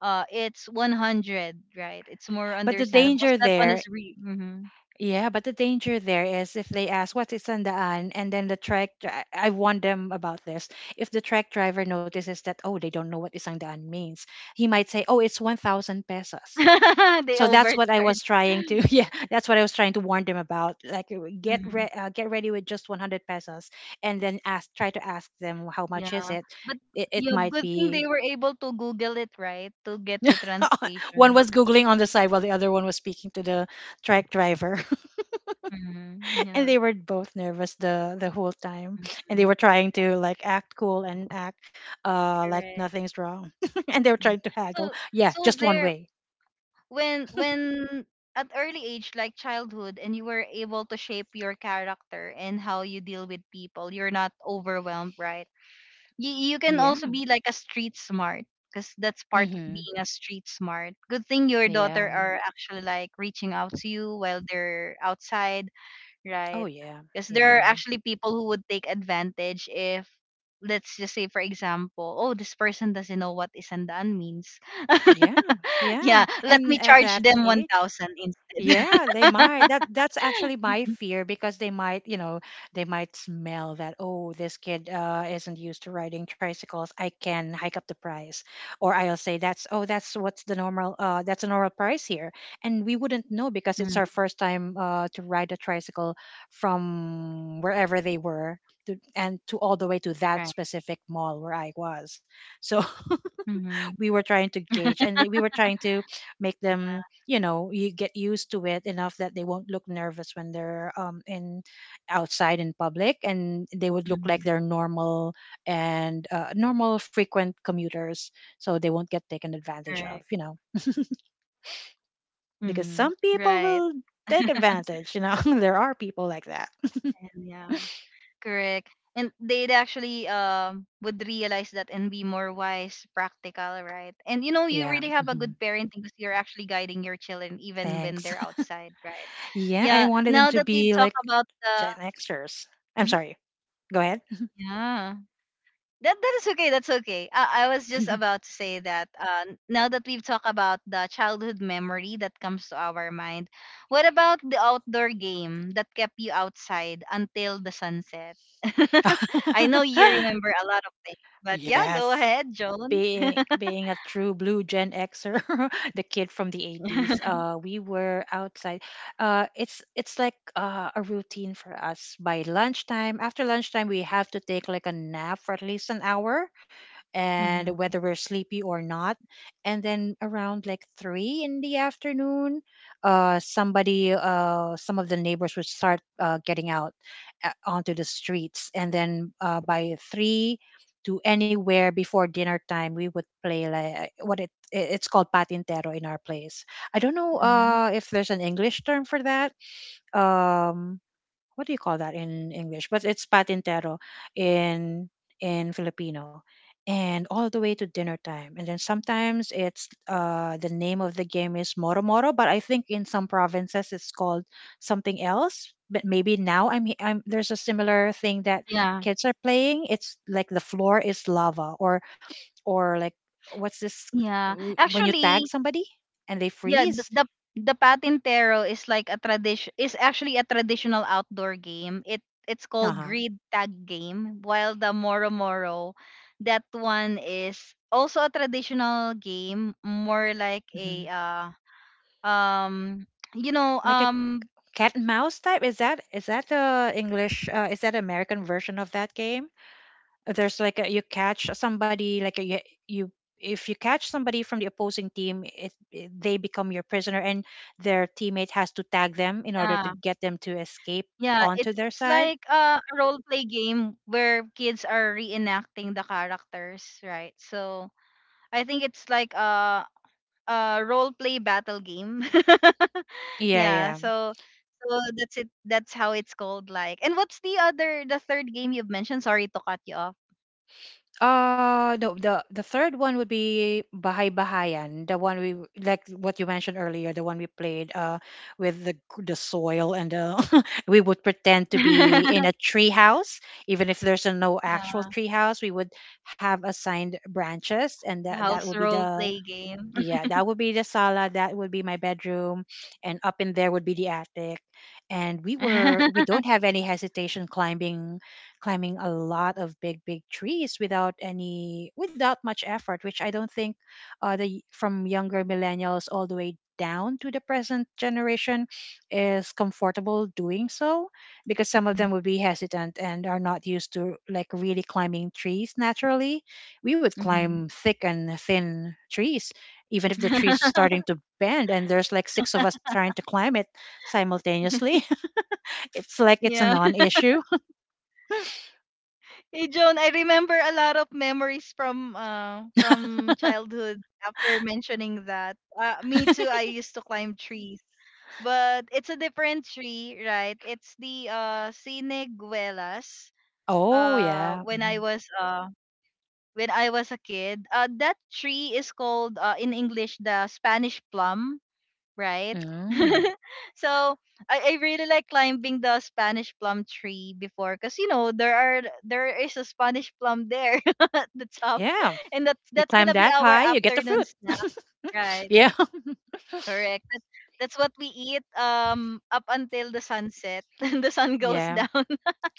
[SPEAKER 1] uh it's one hundred, right? It's more
[SPEAKER 2] But the
[SPEAKER 1] understandable because
[SPEAKER 2] danger
[SPEAKER 1] that one
[SPEAKER 2] there,
[SPEAKER 1] is re hmm.
[SPEAKER 2] yeah, but the danger there is if they ask what is sandaan and then the track dri- I warned them about this. If the track driver notices that, oh, they don't know what isang daan means, he might say, oh, it's one thousand pesos.
[SPEAKER 1] They
[SPEAKER 2] So that's what I
[SPEAKER 1] overcharge.
[SPEAKER 2] was trying to yeah, that's what I was trying to warn them about, like uh, get re-
[SPEAKER 1] Hmm,
[SPEAKER 2] uh, get ready with just one hundred pesos and then ask, try to ask them how much is
[SPEAKER 1] yeah.
[SPEAKER 2] it.
[SPEAKER 1] But
[SPEAKER 2] it, it
[SPEAKER 1] yeah,
[SPEAKER 2] might
[SPEAKER 1] good thing
[SPEAKER 2] be
[SPEAKER 1] they were able to google it, right, to get the
[SPEAKER 2] one
[SPEAKER 1] translation.
[SPEAKER 2] was googling on the side while the other one was speaking to the truck driver.
[SPEAKER 1] Hmm,
[SPEAKER 2] And
[SPEAKER 1] yeah,
[SPEAKER 2] they were both nervous the the whole time, and they
[SPEAKER 1] hmm,
[SPEAKER 2] were trying to like act cool and act uh like
[SPEAKER 1] correct.
[SPEAKER 2] nothing's wrong. And they were
[SPEAKER 1] Mhm.
[SPEAKER 2] trying to
[SPEAKER 1] So
[SPEAKER 2] haggle, yeah,
[SPEAKER 1] so
[SPEAKER 2] just one
[SPEAKER 1] there,
[SPEAKER 2] way.
[SPEAKER 1] when when at early age like childhood, and you were able to shape your character and how you deal with people, you're not overwhelmed, right? You you can also
[SPEAKER 2] Yeah.
[SPEAKER 1] be like a street smart, because that's part of
[SPEAKER 2] Mhm.
[SPEAKER 1] being a street smart. Good thing your
[SPEAKER 2] Yeah.
[SPEAKER 1] daughter are actually like reaching out to you while they're outside, right?
[SPEAKER 2] Oh yeah.
[SPEAKER 1] Because
[SPEAKER 2] Yeah.
[SPEAKER 1] there are actually people who would take advantage if, let's just say for example, oh, this person doesn't know what isandan means.
[SPEAKER 2] Yeah, yeah.
[SPEAKER 1] Yeah, let me
[SPEAKER 2] And at
[SPEAKER 1] charge
[SPEAKER 2] that
[SPEAKER 1] them
[SPEAKER 2] age,
[SPEAKER 1] one thousand instead.
[SPEAKER 2] yeah, they might. That that's actually my fear because they might, you know, they might smell that, oh, this kid uh isn't used to riding tricycles. I can hike up the price. Or I'll say that's oh, that's what's the normal uh that's a normal price here. And we wouldn't know because it's
[SPEAKER 1] Mm,
[SPEAKER 2] our first time uh to ride a tricycle from wherever they were to, and to all the way to that
[SPEAKER 1] right.
[SPEAKER 2] specific mall where I was. So
[SPEAKER 1] Mhm.
[SPEAKER 2] we were trying to gauge and we were trying to make them, you know, you get used to it enough that they won't look nervous when they're um in outside in public and they would look like
[SPEAKER 1] Mhm.
[SPEAKER 2] they're normal and uh, normal frequent commuters, so they won't get taken advantage of,
[SPEAKER 1] Correct.
[SPEAKER 2] you know, because
[SPEAKER 1] Mhm.
[SPEAKER 2] some people
[SPEAKER 1] Right.
[SPEAKER 2] will take advantage, you know. There are people like that.
[SPEAKER 1] And yeah. Correct. And they'd actually um would realize that and be more wise, practical, right? And you know, you
[SPEAKER 2] Yeah.
[SPEAKER 1] really have a
[SPEAKER 2] Hmm.
[SPEAKER 1] good parenting because you're actually guiding your children even when
[SPEAKER 2] Thanks.
[SPEAKER 1] they're outside, right?
[SPEAKER 2] Yeah, I
[SPEAKER 1] Yeah.
[SPEAKER 2] wanted them
[SPEAKER 1] Now
[SPEAKER 2] to
[SPEAKER 1] that we've
[SPEAKER 2] be
[SPEAKER 1] talked
[SPEAKER 2] like
[SPEAKER 1] about
[SPEAKER 2] Gen Xers.
[SPEAKER 1] the,
[SPEAKER 2] I'm
[SPEAKER 1] mhm,
[SPEAKER 2] sorry, go ahead.
[SPEAKER 1] yeah. That that is okay. That's okay. I, I was just about to say that uh, n- now that we've talked about the childhood memory that comes to our mind, what about the outdoor game that kept you outside until the sunset? I know you remember a lot of things, but yeah, go
[SPEAKER 2] Yes.
[SPEAKER 1] ahead, Joan.
[SPEAKER 2] Being being a true blue Gen Xer, the kid from the eighties, uh, we were outside. Uh, it's it's like uh, a routine for us. By lunchtime, after lunchtime, we have to take like a nap for at least an hour, and
[SPEAKER 1] Mhm,
[SPEAKER 2] whether we're sleepy or not. And then around like three in the afternoon, uh, somebody, uh, some of the neighbors would start uh, getting out uh, onto the streets. And then uh, by three to anywhere before dinner time, we would play like what it it- it's called patintero in our place. I don't know
[SPEAKER 1] mhm.
[SPEAKER 2] uh, if there's an English term for that. Um, what do you call that in English? But it's patintero in in Filipino. And all the way to dinner time. And then sometimes it's uh, the name of the game is Moro Moro, but I think in some provinces it's called something else. But maybe now I'm, he- I'm, there's a similar thing that
[SPEAKER 1] Yeah.
[SPEAKER 2] kids are playing. It's like the floor is lava, or or like what's this
[SPEAKER 1] Yeah.
[SPEAKER 2] w- when you tag
[SPEAKER 1] Actually,
[SPEAKER 2] somebody and they
[SPEAKER 1] yeah, the,
[SPEAKER 2] freeze?
[SPEAKER 1] the the patintero is like a tradition, is actually a traditional outdoor game. It it's
[SPEAKER 2] Uh
[SPEAKER 1] called
[SPEAKER 2] huh.
[SPEAKER 1] grid tag game, while the moro moro, that one is also a traditional game, more like
[SPEAKER 2] Hmm.
[SPEAKER 1] a uh um you know,
[SPEAKER 2] Like a
[SPEAKER 1] um
[SPEAKER 2] cat and mouse type? Is that, is that the English? Uh, is that American version of that game? Uh, There's like a, you catch somebody like a, you you, if you catch somebody from the opposing team, it, it- they become your prisoner, and their teammate has to tag them in order to
[SPEAKER 1] yeah,
[SPEAKER 2] get them to escape
[SPEAKER 1] yeah,
[SPEAKER 2] onto
[SPEAKER 1] it's
[SPEAKER 2] their
[SPEAKER 1] it's
[SPEAKER 2] side.
[SPEAKER 1] like uh, a role play game where kids are reenacting the characters, right? So I think it's like a a role play battle game.
[SPEAKER 2] Yeah,
[SPEAKER 1] Yeah,
[SPEAKER 2] yeah.
[SPEAKER 1] so so that's it. That's how it's called. Like, and what's the other, the third game you've mentioned? Sorry to cut you off.
[SPEAKER 2] Uh, the the the third one would be Bahay Bahayan, the one we w- like what you mentioned earlier, the one we played uh with the g- the soil, and uh we would pretend to be in a tree house, even if there's a no actual
[SPEAKER 1] Yeah,
[SPEAKER 2] tree house, we would have assigned branches, and
[SPEAKER 1] the
[SPEAKER 2] that that
[SPEAKER 1] house
[SPEAKER 2] would be
[SPEAKER 1] role
[SPEAKER 2] the
[SPEAKER 1] play game.
[SPEAKER 2] yeah, that would be the sala, that would be my bedroom, and up in there would be the attic. And we were, we don't have any hesitation climbing climbing a lot of big big trees without any without much effort, which I don't think uh the from younger millennials all the way down to the present generation is comfortable doing so, because some of them would be hesitant and are not used to like really climbing trees naturally. We would climb
[SPEAKER 1] Mhm.
[SPEAKER 2] thick and thin trees, even if the tree is starting to bend and there's like six of us trying to climb it simultaneously. It's like it's a
[SPEAKER 1] Yeah.
[SPEAKER 2] non issue.
[SPEAKER 1] Hey Joan, I remember a lot of memories from uh from childhood after mentioning that. Uh, me too, I used to climb trees. But it's a different tree, right? It's the uh siniguelas.
[SPEAKER 2] Oh,
[SPEAKER 1] Uh
[SPEAKER 2] yeah.
[SPEAKER 1] when I
[SPEAKER 2] Mhm.
[SPEAKER 1] was uh when I was a kid. Uh, that tree is called uh, in English the Spanish plum, right?
[SPEAKER 2] Mm.
[SPEAKER 1] So I, I really like climbing the Spanish plum tree before, cause you know there are there is a Spanish plum there at the top,
[SPEAKER 2] Yeah.
[SPEAKER 1] and that's
[SPEAKER 2] You
[SPEAKER 1] that's
[SPEAKER 2] climb
[SPEAKER 1] gonna be
[SPEAKER 2] that
[SPEAKER 1] our
[SPEAKER 2] high, you get the
[SPEAKER 1] afternoon
[SPEAKER 2] fruit.
[SPEAKER 1] snack, right?
[SPEAKER 2] Yeah.
[SPEAKER 1] Correct. That, that's what we eat um up until the sunset, the sun goes
[SPEAKER 2] Yeah.
[SPEAKER 1] down.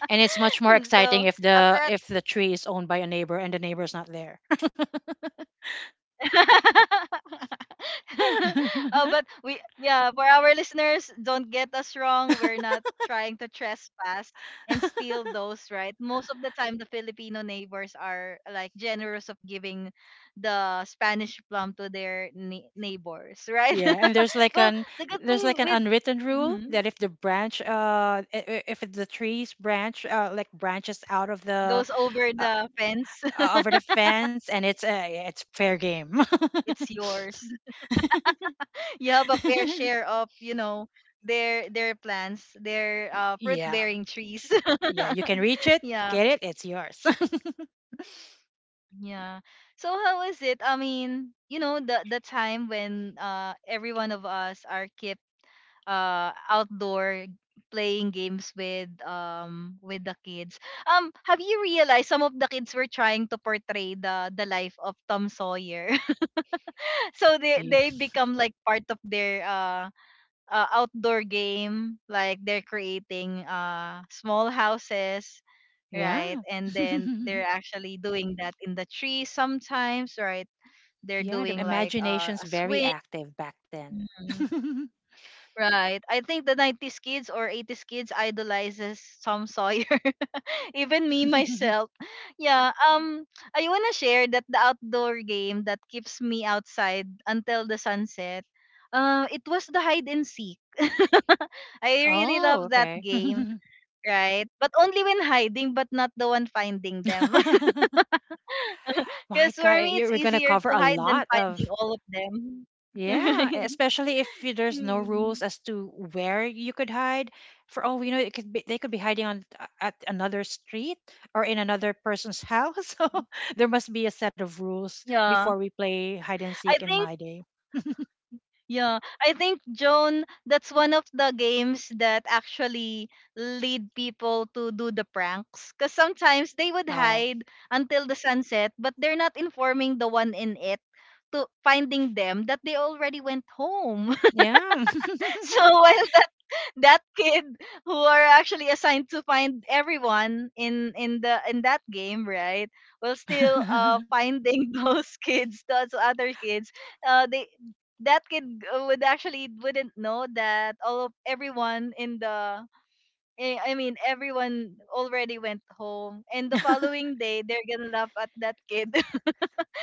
[SPEAKER 2] And it's much more
[SPEAKER 1] So
[SPEAKER 2] exciting if the
[SPEAKER 1] after
[SPEAKER 2] if the tree is owned by a neighbor and the neighbor's not there.
[SPEAKER 1] that, oh, but we, yeah, for our listeners, don't get us wrong. We're not trying to trespass and steal those, right? Most of the time the Filipino neighbors are like generous of giving the Spanish plum to their nei- neighbors, right?
[SPEAKER 2] Yeah, and there's like
[SPEAKER 1] Well,
[SPEAKER 2] an
[SPEAKER 1] the good
[SPEAKER 2] there's
[SPEAKER 1] thing
[SPEAKER 2] like an
[SPEAKER 1] with,
[SPEAKER 2] unwritten rule
[SPEAKER 1] mhm,
[SPEAKER 2] that if the branch uh I- I- if the tree's branch uh like branches out of the
[SPEAKER 1] goes over
[SPEAKER 2] uh,
[SPEAKER 1] the fence,
[SPEAKER 2] uh, over the fence, and it's uh, yeah, it's fair game.
[SPEAKER 1] it's yours. You have a fair share of, you know, their their plants, their uh,
[SPEAKER 2] Yeah,
[SPEAKER 1] fruit-bearing trees.
[SPEAKER 2] yeah, you can reach it,
[SPEAKER 1] Yeah.
[SPEAKER 2] get it, it's yours.
[SPEAKER 1] Yeah. So how is it? I mean, you know, the the time when uh every one of us are kept uh outdoor playing games with um with the kids. Um, have you realized some of the kids were trying to portray the the life of Tom Sawyer? So they
[SPEAKER 2] Y-
[SPEAKER 1] they become like part of their uh, uh outdoor game. Like they're creating uh small houses,
[SPEAKER 2] yeah.
[SPEAKER 1] right? And then they're actually doing that in the trees sometimes, right? They're
[SPEAKER 2] Yeah. The
[SPEAKER 1] doing like uh,
[SPEAKER 2] imagination's
[SPEAKER 1] a
[SPEAKER 2] very
[SPEAKER 1] swing.
[SPEAKER 2] active back
[SPEAKER 1] Mhm.
[SPEAKER 2] then.
[SPEAKER 1] Right. I think the nineties kids or eighties kids idolizes Tom Sawyer. Even me myself. Yeah, um I want to share that the outdoor game that keeps me outside until the sunset. Uh, it was the hide and seek. I really
[SPEAKER 2] Oh,
[SPEAKER 1] love that
[SPEAKER 2] okay.
[SPEAKER 1] game, right? But only when hiding, but not the one finding them. Because
[SPEAKER 2] My God,
[SPEAKER 1] for
[SPEAKER 2] eh,
[SPEAKER 1] me,
[SPEAKER 2] you're,
[SPEAKER 1] it's
[SPEAKER 2] we're gonna
[SPEAKER 1] easier
[SPEAKER 2] cover
[SPEAKER 1] to
[SPEAKER 2] a
[SPEAKER 1] hide than
[SPEAKER 2] lot of
[SPEAKER 1] finding all of them.
[SPEAKER 2] yeah, e,
[SPEAKER 1] Right?
[SPEAKER 2] especially if y- there's no
[SPEAKER 1] Mm.
[SPEAKER 2] rules as to where you could hide. For all we know, it could be they could be hiding on uh, at another street or in another person's house. So there must be a set of rules before
[SPEAKER 1] Yeah.
[SPEAKER 2] we play hide and seek
[SPEAKER 1] I
[SPEAKER 2] in
[SPEAKER 1] think
[SPEAKER 2] my day.
[SPEAKER 1] yeah, I think Joan, that's one of the games that actually lead people to do the pranks cuz sometimes they would
[SPEAKER 2] Oh,
[SPEAKER 1] hide until the sunset, but they're not informing the one in it to finding them that they already went home.
[SPEAKER 2] yeah.
[SPEAKER 1] So while that kid who are actually assigned to find everyone in in the in that game, right, while still uh finding those kids those other kids, uh they that kid uh, would actually wouldn't know that all of everyone in the eh, I mean, everyone already went home, and the following day they're gonna laugh at that kid.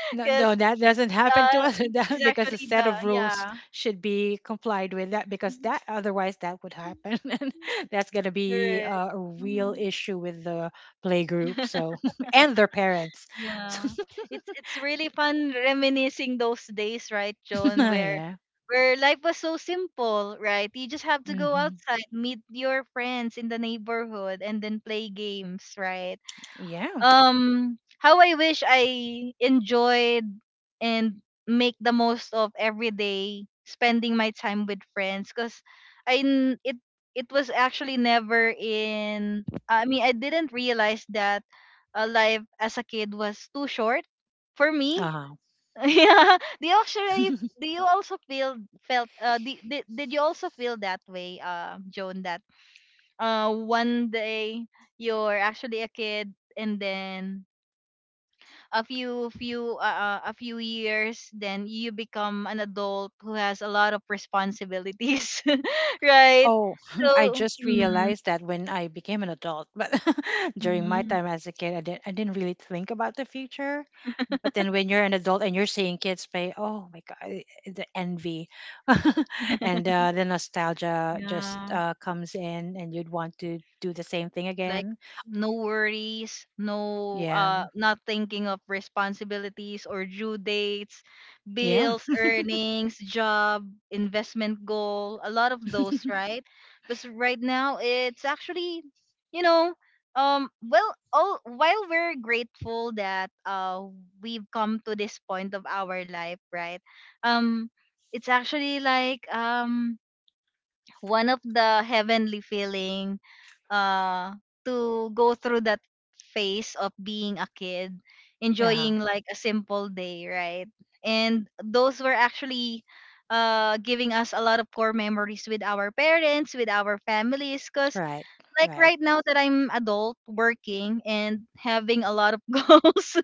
[SPEAKER 2] No, no,
[SPEAKER 1] because
[SPEAKER 2] that doesn't happen to
[SPEAKER 1] uh
[SPEAKER 2] us
[SPEAKER 1] he-
[SPEAKER 2] that,
[SPEAKER 1] he's
[SPEAKER 2] because a
[SPEAKER 1] actually
[SPEAKER 2] set
[SPEAKER 1] the
[SPEAKER 2] of rules
[SPEAKER 1] Yeah.
[SPEAKER 2] should be complied with, that, because that otherwise that would happen and that's going to be
[SPEAKER 1] Correct.
[SPEAKER 2] uh, a real
[SPEAKER 1] Mm-hmm.
[SPEAKER 2] issue with the play group, so and their parents.
[SPEAKER 1] Yeah. It's it's really fun reminiscing those days, right, Joan, where
[SPEAKER 2] Yeah.
[SPEAKER 1] where life was so simple, right? You just have to go
[SPEAKER 2] Hmm.
[SPEAKER 1] outside, meet your friends in the neighborhood and then play games, right?
[SPEAKER 2] Yeah.
[SPEAKER 1] Um how I wish I enjoyed and make the most of every day spending my time with friends, because I n- it it was actually never in I mean, I didn't realize that uh, life as a kid was too short for me.
[SPEAKER 2] Uh-huh.
[SPEAKER 1] Yeah. Do you actually do you also feel felt uh did, did did you also feel that way, uh Joan, that uh one day you're actually a kid, and then a few few uh, uh, a few years then you become an adult who has a lot of responsibilities, right?
[SPEAKER 2] Oh, I
[SPEAKER 1] so
[SPEAKER 2] just
[SPEAKER 1] mm,
[SPEAKER 2] realized that when I became an adult. But during my
[SPEAKER 1] mm,
[SPEAKER 2] time as a kid, I didn't I didn't really think about the future. But then when you're an adult and you're seeing kids play, oh my God, i- the envy and uh, the nostalgia just
[SPEAKER 1] yeah,
[SPEAKER 2] uh, comes in, and you'd want to do the same thing
[SPEAKER 1] like
[SPEAKER 2] again.
[SPEAKER 1] no worries, no
[SPEAKER 2] Yeah,
[SPEAKER 1] uh not thinking of responsibilities or due dates,
[SPEAKER 2] yeah,
[SPEAKER 1] bills, earnings, job, investment goal, a lot of those, right? Because right now it's actually, you know, um well, all while we're grateful that uh we've come to this point of our life, right? Um it's actually like um one of the heavenly feeling uh to go through that phase of being a kid,
[SPEAKER 2] yeah.
[SPEAKER 1] enjoying like a simple day, right? And those were actually uh giving us a lot of core memories with our parents, with our families, because
[SPEAKER 2] Right,
[SPEAKER 1] like
[SPEAKER 2] right.
[SPEAKER 1] right now that I'm adult working and having a lot of goals,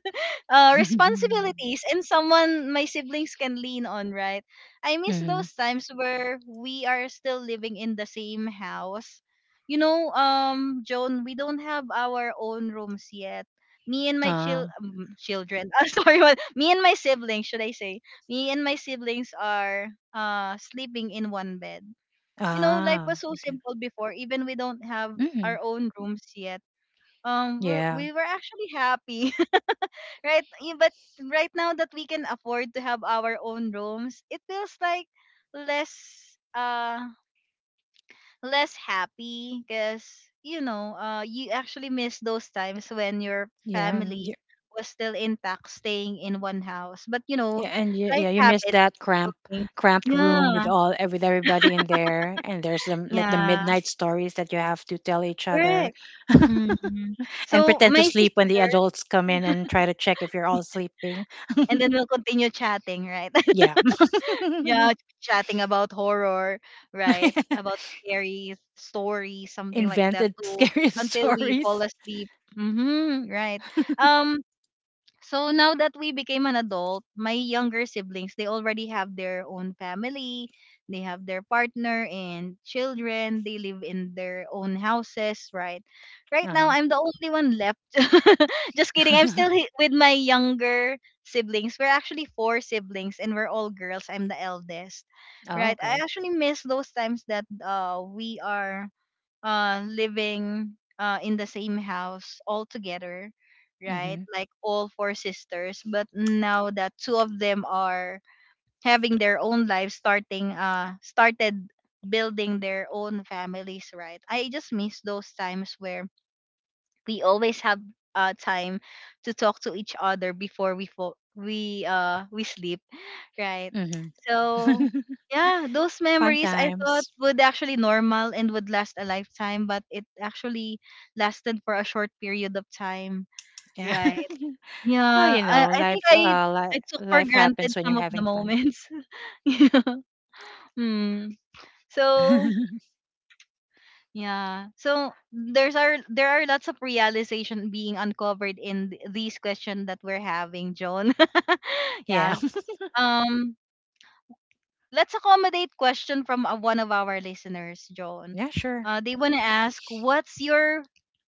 [SPEAKER 1] uh, responsibilities, and someone my siblings can lean on, right? I miss
[SPEAKER 2] Mm-hmm.
[SPEAKER 1] those times where we are still living in the same house. You know, um, Joan, we don't have our own rooms yet. Me and my
[SPEAKER 2] Uh,
[SPEAKER 1] chil- um, children, uh, sorry, what- me and my siblings, should I say? Me and my siblings are uh sleeping in one bed. You know, life
[SPEAKER 2] ah,
[SPEAKER 1] was so
[SPEAKER 2] okay.
[SPEAKER 1] simple before. Even we don't have
[SPEAKER 2] Hmm.
[SPEAKER 1] our own rooms yet. Um, we're,
[SPEAKER 2] Yeah,
[SPEAKER 1] we were actually happy, right? Yeah, but right now that we can afford to have our own rooms, it feels like less uh less happy, because you know uh you actually miss those times when your
[SPEAKER 2] yeah.
[SPEAKER 1] family was still intact, staying in one house, but you
[SPEAKER 2] Yeah,
[SPEAKER 1] know
[SPEAKER 2] and you, yeah,
[SPEAKER 1] life
[SPEAKER 2] you miss
[SPEAKER 1] happens.
[SPEAKER 2] that cramp,
[SPEAKER 1] Okay.
[SPEAKER 2] cramped room with
[SPEAKER 1] Yeah,
[SPEAKER 2] all with everybody in there, and there's some like the
[SPEAKER 1] yeah,
[SPEAKER 2] midnight stories that you have to tell each other,
[SPEAKER 1] correct. Mhm.
[SPEAKER 2] and
[SPEAKER 1] So
[SPEAKER 2] pretend to
[SPEAKER 1] my
[SPEAKER 2] sleep when the
[SPEAKER 1] sisters,
[SPEAKER 2] adults come in and try to check if you're all sleeping.
[SPEAKER 1] and then we'll continue chatting, right?
[SPEAKER 2] Yeah,
[SPEAKER 1] Yeah, chatting about horror, right? About scary stories, something like that
[SPEAKER 2] invented
[SPEAKER 1] too,
[SPEAKER 2] scary
[SPEAKER 1] until we
[SPEAKER 2] stories.
[SPEAKER 1] fall asleep. Mm-hmm, right. Um, so now that we became an adult, my younger siblings, they already have their own family, they have their partner and children, they live in their own houses, right? Right now
[SPEAKER 2] Uh-huh.
[SPEAKER 1] I'm the only one left. Just kidding. I'm still hi- with my younger siblings. We're actually four siblings and we're all girls. I'm the eldest.
[SPEAKER 2] Oh,
[SPEAKER 1] Right? I
[SPEAKER 2] okay.
[SPEAKER 1] actually miss those times that uh we are uh living uh in the same house all together, right,
[SPEAKER 2] Mhm.
[SPEAKER 1] like all four sisters, but now that two of them are having their own lives, starting uh started building their own families, right? I just miss those times where we always have uh time to talk to each other before we fo- we uh we sleep. Right.
[SPEAKER 2] Mhm.
[SPEAKER 1] So, yeah, those
[SPEAKER 2] Fun
[SPEAKER 1] memories I thought
[SPEAKER 2] times.
[SPEAKER 1] would actually normal and would last a lifetime, but it actually lasted for a short period of time.
[SPEAKER 2] Yeah.
[SPEAKER 1] Right.
[SPEAKER 2] Well,
[SPEAKER 1] Yeah,
[SPEAKER 2] you
[SPEAKER 1] I,
[SPEAKER 2] know,
[SPEAKER 1] I
[SPEAKER 2] life.
[SPEAKER 1] think I
[SPEAKER 2] Uh,
[SPEAKER 1] I
[SPEAKER 2] li-
[SPEAKER 1] took for
[SPEAKER 2] life happens
[SPEAKER 1] granted
[SPEAKER 2] when you're
[SPEAKER 1] some of
[SPEAKER 2] having
[SPEAKER 1] the
[SPEAKER 2] fun.
[SPEAKER 1] moments. Yeah. Hmm. So, yeah. So there's are there are lots of realization being uncovered in th- these questions that we're having, Joan.
[SPEAKER 2] Yeah.
[SPEAKER 1] Yeah. Um Let's accommodate question from uh, one of our listeners, Joan.
[SPEAKER 2] Yeah. Sure.
[SPEAKER 1] Uh, they want to ask, what's your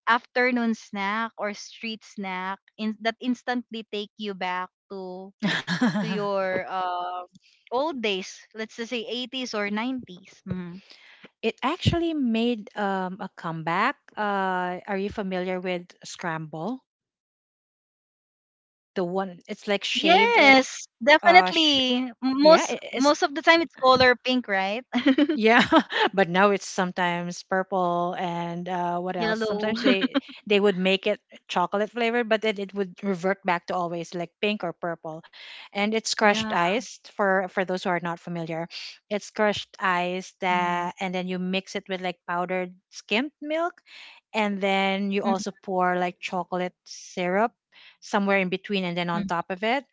[SPEAKER 1] afternoon snack or street snack in, that instantly take you back to to your uh, old days? Let's just say eighties or nineties. Mhm.
[SPEAKER 2] It actually made um, a comeback. Uh, are you familiar with scramble? The one it's like shaved or
[SPEAKER 1] Yes,
[SPEAKER 2] uh, sh-
[SPEAKER 1] definitely.
[SPEAKER 2] yeah,
[SPEAKER 1] Most
[SPEAKER 2] it,
[SPEAKER 1] most of the time it's color pink, right?
[SPEAKER 2] Yeah, but now it's sometimes purple and uh, what else?
[SPEAKER 1] Yellow.
[SPEAKER 2] Sometimes they they would make it chocolate flavored, but then it would revert back to always like pink or purple. And it's crushed
[SPEAKER 1] Yeah,
[SPEAKER 2] ice for for those who are not familiar. It's crushed ice
[SPEAKER 1] yeah.
[SPEAKER 2] that and then you mix it with like powdered skimmed milk, and then you
[SPEAKER 1] Mm,
[SPEAKER 2] also pour like chocolate syrup somewhere in between, and then on
[SPEAKER 1] mm.
[SPEAKER 2] top of it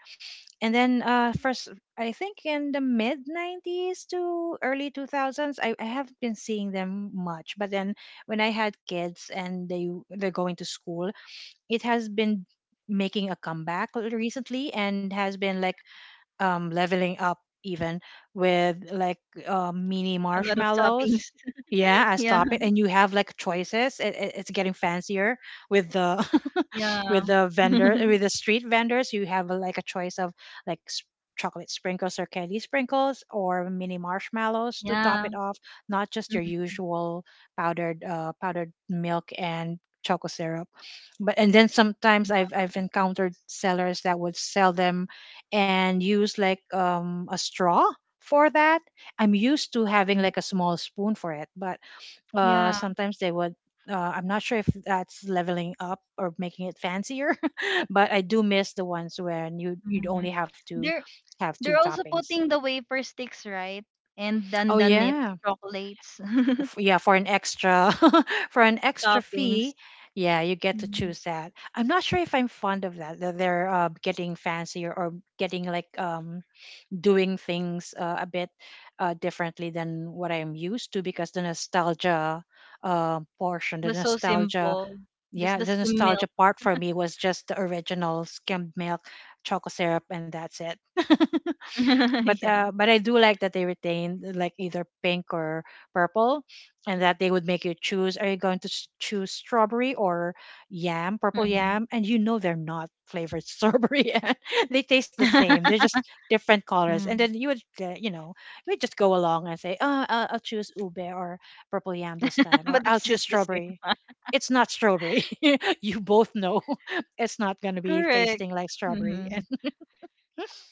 [SPEAKER 2] and then uh first I think in the mid nineties to early two thousands I, I haven't been seeing them much but then when I had kids and they they're going to school it has been making a comeback l- recently and has been like um, leveling up even with like uh, mini
[SPEAKER 1] A lot of toppings.
[SPEAKER 2] marshmallows. Yeah, I
[SPEAKER 1] Yeah,
[SPEAKER 2] stop it, and you have like choices. It, it, it's getting fancier with the
[SPEAKER 1] yeah.
[SPEAKER 2] with the vendor uh, with the street vendors. You have like a choice of like s- chocolate sprinkles or candy sprinkles or mini marshmallows to top
[SPEAKER 1] Yeah.
[SPEAKER 2] it off. Not just your usual powdered uh, powdered milk and chocolate syrup but and then sometimes I've I've encountered sellers that would sell them and use like um, a straw for that. I'm used to having
[SPEAKER 1] Mhm.
[SPEAKER 2] like a small spoon for it, but uh,
[SPEAKER 1] Yeah.
[SPEAKER 2] sometimes they would. Uh, I'm not sure if that's leveling up or making it fancier, but I do miss the ones when you you'd
[SPEAKER 1] Mhm.
[SPEAKER 2] only have to
[SPEAKER 1] They're
[SPEAKER 2] have two
[SPEAKER 1] they're also
[SPEAKER 2] toppings.
[SPEAKER 1] putting the wafer sticks, right? And then
[SPEAKER 2] Oh
[SPEAKER 1] the nips,
[SPEAKER 2] yeah,
[SPEAKER 1] chocolates,
[SPEAKER 2] F- yeah for an extra for an extra fee,
[SPEAKER 1] toppings.
[SPEAKER 2] yeah you get to
[SPEAKER 1] Mm.
[SPEAKER 2] choose that. I'm not sure if I'm fond of that that they're uh, getting fancier or getting like um doing things uh, a bit uh, differently than what I'm used to because the nostalgia uh, portion, the
[SPEAKER 1] Was so
[SPEAKER 2] nostalgia,
[SPEAKER 1] simple.
[SPEAKER 2] yeah,
[SPEAKER 1] Just the
[SPEAKER 2] the
[SPEAKER 1] skim
[SPEAKER 2] nostalgia
[SPEAKER 1] milk.
[SPEAKER 2] part for me was just the original skimmed milk, chocolate syrup, and that's it. but
[SPEAKER 1] Yeah.
[SPEAKER 2] uh but I do like that they retained like either pink or purple and that they would make you choose are you going to s- choose strawberry or yam purple
[SPEAKER 1] Mm.
[SPEAKER 2] yam and you know they're not flavored strawberry yam. They taste the same they're just different colors and
[SPEAKER 1] Mm.
[SPEAKER 2] then you would uh, you know you would just go along and say oh I'll, I'll choose ube or purple yam this time or
[SPEAKER 1] But
[SPEAKER 2] I'll
[SPEAKER 1] it's
[SPEAKER 2] choose
[SPEAKER 1] just the same.
[SPEAKER 2] strawberry it's not strawberry you both know it's not going to be
[SPEAKER 1] Correct.
[SPEAKER 2] tasting like strawberry and
[SPEAKER 1] Hmm.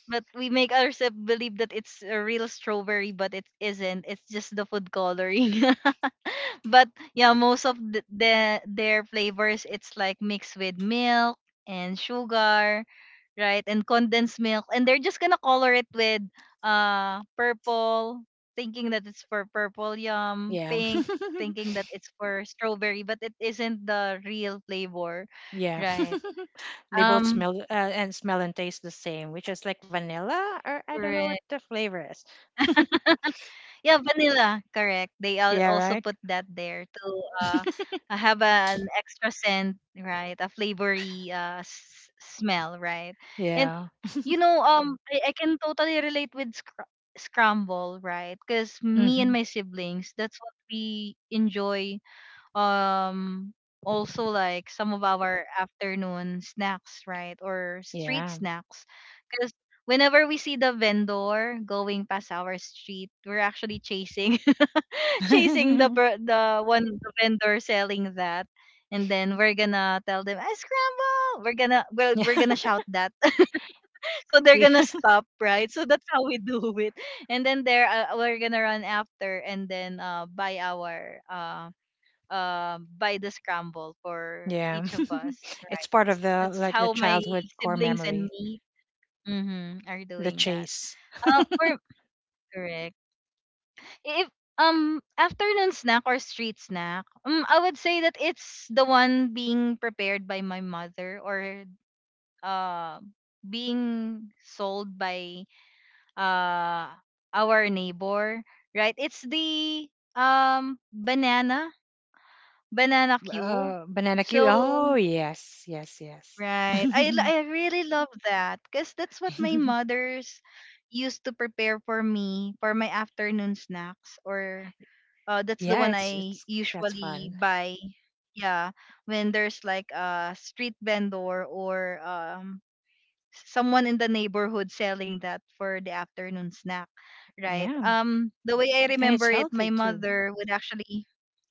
[SPEAKER 1] But we make ourselves believe that it's a real strawberry, but it isn't. It's just the food coloring. But yeah, most of the, the their flavors, it's like mixed with milk and sugar, right? And condensed milk, and they're just gonna color it with uh purple, thinking that it's for purple yum,
[SPEAKER 2] yeah.
[SPEAKER 1] pink, thinking that it's for strawberry, but it isn't the real flavor,
[SPEAKER 2] Yeah.
[SPEAKER 1] right?
[SPEAKER 2] They both
[SPEAKER 1] Um,
[SPEAKER 2] smell uh, and smell and taste the same, which is like vanilla or I don't know what
[SPEAKER 1] Correct.
[SPEAKER 2] the flavor is.
[SPEAKER 1] Yeah, vanilla, correct. They al-
[SPEAKER 2] Yeah,
[SPEAKER 1] also
[SPEAKER 2] right?
[SPEAKER 1] put that there to uh, uh, have an extra scent, right? A flavory uh, s- smell, right? And
[SPEAKER 2] Yeah.
[SPEAKER 1] you know, um, I, I can totally relate with scr- scramble, right? Because me
[SPEAKER 2] Mm-hmm.
[SPEAKER 1] and my siblings, that's what we enjoy. um Also like some of our afternoon snacks, right, or street
[SPEAKER 2] Yeah.
[SPEAKER 1] snacks, because whenever we see the vendor going past our street, we're actually chasing chasing the per- the one the vendor selling that, and then we're gonna tell them, I scramble, we're gonna well,
[SPEAKER 2] Yeah.
[SPEAKER 1] we're gonna shout that. So they're
[SPEAKER 2] Yeah.
[SPEAKER 1] gonna stop, right? So that's how we do it. And then there, uh, we're gonna run after, and then uh buy our um uh, by the scramble for
[SPEAKER 2] Yeah.
[SPEAKER 1] each of us.
[SPEAKER 2] It's
[SPEAKER 1] Right.
[SPEAKER 2] part
[SPEAKER 1] That's,
[SPEAKER 2] of the
[SPEAKER 1] that's
[SPEAKER 2] like the
[SPEAKER 1] how my
[SPEAKER 2] childhood core
[SPEAKER 1] siblings and
[SPEAKER 2] memory,
[SPEAKER 1] me, mhm, are
[SPEAKER 2] the
[SPEAKER 1] doing that.
[SPEAKER 2] chase.
[SPEAKER 1] Uh, or correct. If um afternoon snack or street snack, um, I would say that it's the one being prepared by my mother, or uh being sold by uh our neighbor, right? It's the um banana banana queue.
[SPEAKER 2] Uh, banana Q.
[SPEAKER 1] So.
[SPEAKER 2] Oh, yes. Yes, yes.
[SPEAKER 1] Right. I, l- I really love that because that's what my mother's used to prepare for me for my afternoon snacks, or uh, that's the
[SPEAKER 2] Yeah,
[SPEAKER 1] one
[SPEAKER 2] it's
[SPEAKER 1] I
[SPEAKER 2] it's that's
[SPEAKER 1] usually
[SPEAKER 2] fun.
[SPEAKER 1] buy. Yeah, when there's like a street vendor or um someone in the neighborhood selling that for the afternoon snack, right?
[SPEAKER 2] Yeah.
[SPEAKER 1] Um, the way I
[SPEAKER 2] And it's
[SPEAKER 1] remember it, my
[SPEAKER 2] healthy too.
[SPEAKER 1] mother would actually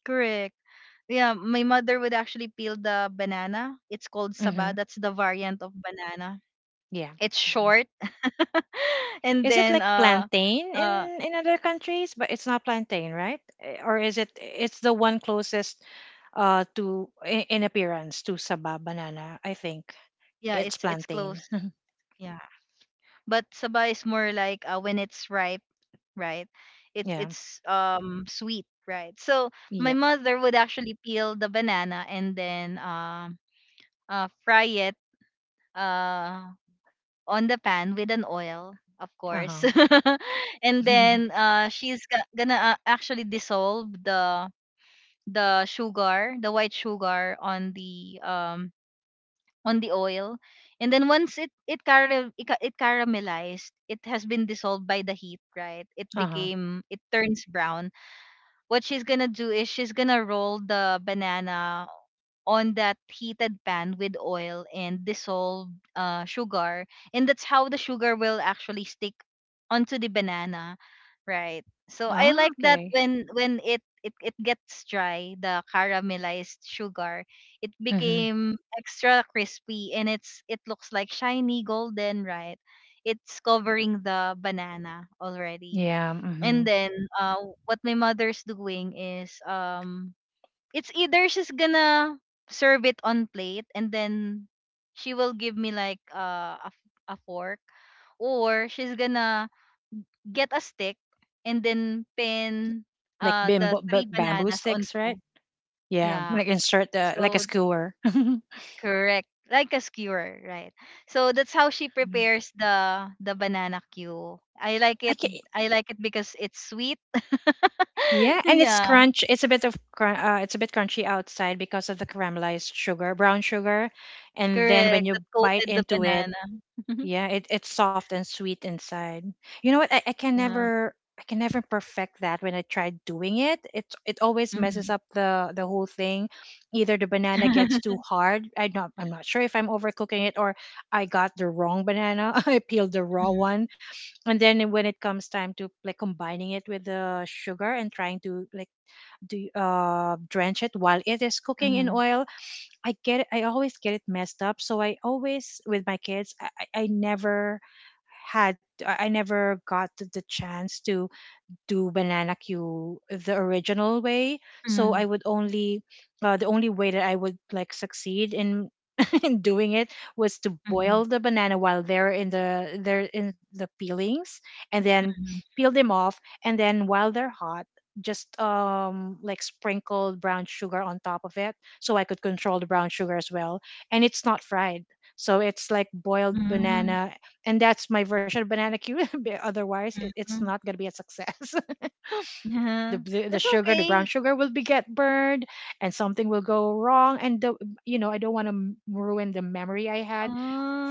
[SPEAKER 1] correct. Yeah, my mother would actually peel the banana. It's called
[SPEAKER 2] Mm-hmm.
[SPEAKER 1] saba. That's the variant of banana.
[SPEAKER 2] Yeah.
[SPEAKER 1] It's
[SPEAKER 2] Mm-hmm.
[SPEAKER 1] short. and
[SPEAKER 2] Is it like
[SPEAKER 1] then uh
[SPEAKER 2] plantain
[SPEAKER 1] uh
[SPEAKER 2] in in other countries? But it's not plantain, right? Eh, or is it? It's the one closest uh to i- in appearance to saba banana. I think
[SPEAKER 1] yeah,
[SPEAKER 2] it's
[SPEAKER 1] it's it's close.
[SPEAKER 2] plantain.
[SPEAKER 1] Yeah, but saba is more like uh, when it's ripe, right? It
[SPEAKER 2] Yeah.
[SPEAKER 1] it's um sweet, right? So my
[SPEAKER 2] Yep.
[SPEAKER 1] mother would actually peel the banana and then uh, uh fry it. Uh, on the pan with an oil, of
[SPEAKER 2] Uh huh.
[SPEAKER 1] course. And then uh, she's go- gonna uh, actually dissolve the the sugar, the white sugar on the um on the oil. And then once it it caram it, ca- it caramelized, it has been dissolved by the heat, right? It
[SPEAKER 2] Uh huh.
[SPEAKER 1] became it turns brown. What she's gonna do is she's gonna roll the banana on that heated pan with oil and dissolved uh, sugar, and that's how the sugar will actually stick onto the banana, right? So I
[SPEAKER 2] Ah,
[SPEAKER 1] like that
[SPEAKER 2] okay.
[SPEAKER 1] when when it it, it gets dry, the caramelized sugar, it
[SPEAKER 2] Mm-hmm.
[SPEAKER 1] became extra crispy, and it's it looks like shiny golden, right? It's covering the banana already.
[SPEAKER 2] Yeah. Mm-hmm.
[SPEAKER 1] And then uh what my mother's doing is um it's either she's gonna serve it on plate, and then she will give me like uh, a f- a fork, or she's gonna get a stick and then pin
[SPEAKER 2] Like
[SPEAKER 1] uh the
[SPEAKER 2] bamboo,
[SPEAKER 1] three
[SPEAKER 2] bamboo
[SPEAKER 1] bananas on
[SPEAKER 2] sticks, right?
[SPEAKER 1] cube.
[SPEAKER 2] Yeah.
[SPEAKER 1] Yeah.
[SPEAKER 2] Like insert the like a
[SPEAKER 1] So
[SPEAKER 2] skewer.
[SPEAKER 1] correct. Like a skewer, right? So that's how she prepares the the banana cue. I like
[SPEAKER 2] I
[SPEAKER 1] it.
[SPEAKER 2] can.
[SPEAKER 1] I like it because it's sweet.
[SPEAKER 2] Yeah, and it's
[SPEAKER 1] Yeah.
[SPEAKER 2] crunch. It's a bit of crun- uh, it's a bit crunchy outside because of the caramelized sugar, brown sugar, and then when
[SPEAKER 1] Correct,
[SPEAKER 2] you
[SPEAKER 1] that
[SPEAKER 2] bite
[SPEAKER 1] coated the
[SPEAKER 2] into it,
[SPEAKER 1] banana.
[SPEAKER 2] yeah, it, it's soft and sweet inside. You know what? I, I can
[SPEAKER 1] Yeah.
[SPEAKER 2] never I can never perfect that when I tried doing it. It it always messes
[SPEAKER 1] Mhm.
[SPEAKER 2] up the the whole thing. Either the banana gets too hard. I not I'm not sure if I'm overcooking it or I got the wrong banana. I peeled the raw
[SPEAKER 1] Mm,
[SPEAKER 2] one and then when it comes time to like combining it with the sugar and trying to like do uh, drench it while it is cooking in
[SPEAKER 1] mhm,
[SPEAKER 2] oil. I get it, I always get it messed up, so I always with my kids I, I I never had I never got the the chance to do banana Q the original way. So I
[SPEAKER 1] mhm,
[SPEAKER 2] would only uh, the only way that I would like succeed in in doing it was to
[SPEAKER 1] mhm,
[SPEAKER 2] boil the banana while they're in the they're in the peelings and then
[SPEAKER 1] mhm,
[SPEAKER 2] peel them off and then while they're hot just um like sprinkled brown sugar on top of it so I could control the brown sugar as well and it's not fried so it's like boiled
[SPEAKER 1] mhm,
[SPEAKER 2] banana and that's my version of banana cue. Otherwise it, it's
[SPEAKER 1] mhm.
[SPEAKER 2] not going to be a success the,
[SPEAKER 1] Yeah.
[SPEAKER 2] the the
[SPEAKER 1] That's
[SPEAKER 2] sugar the brown
[SPEAKER 1] okay.
[SPEAKER 2] sugar will be get burned and something will go wrong and the you know I don't want to ruin the memory I had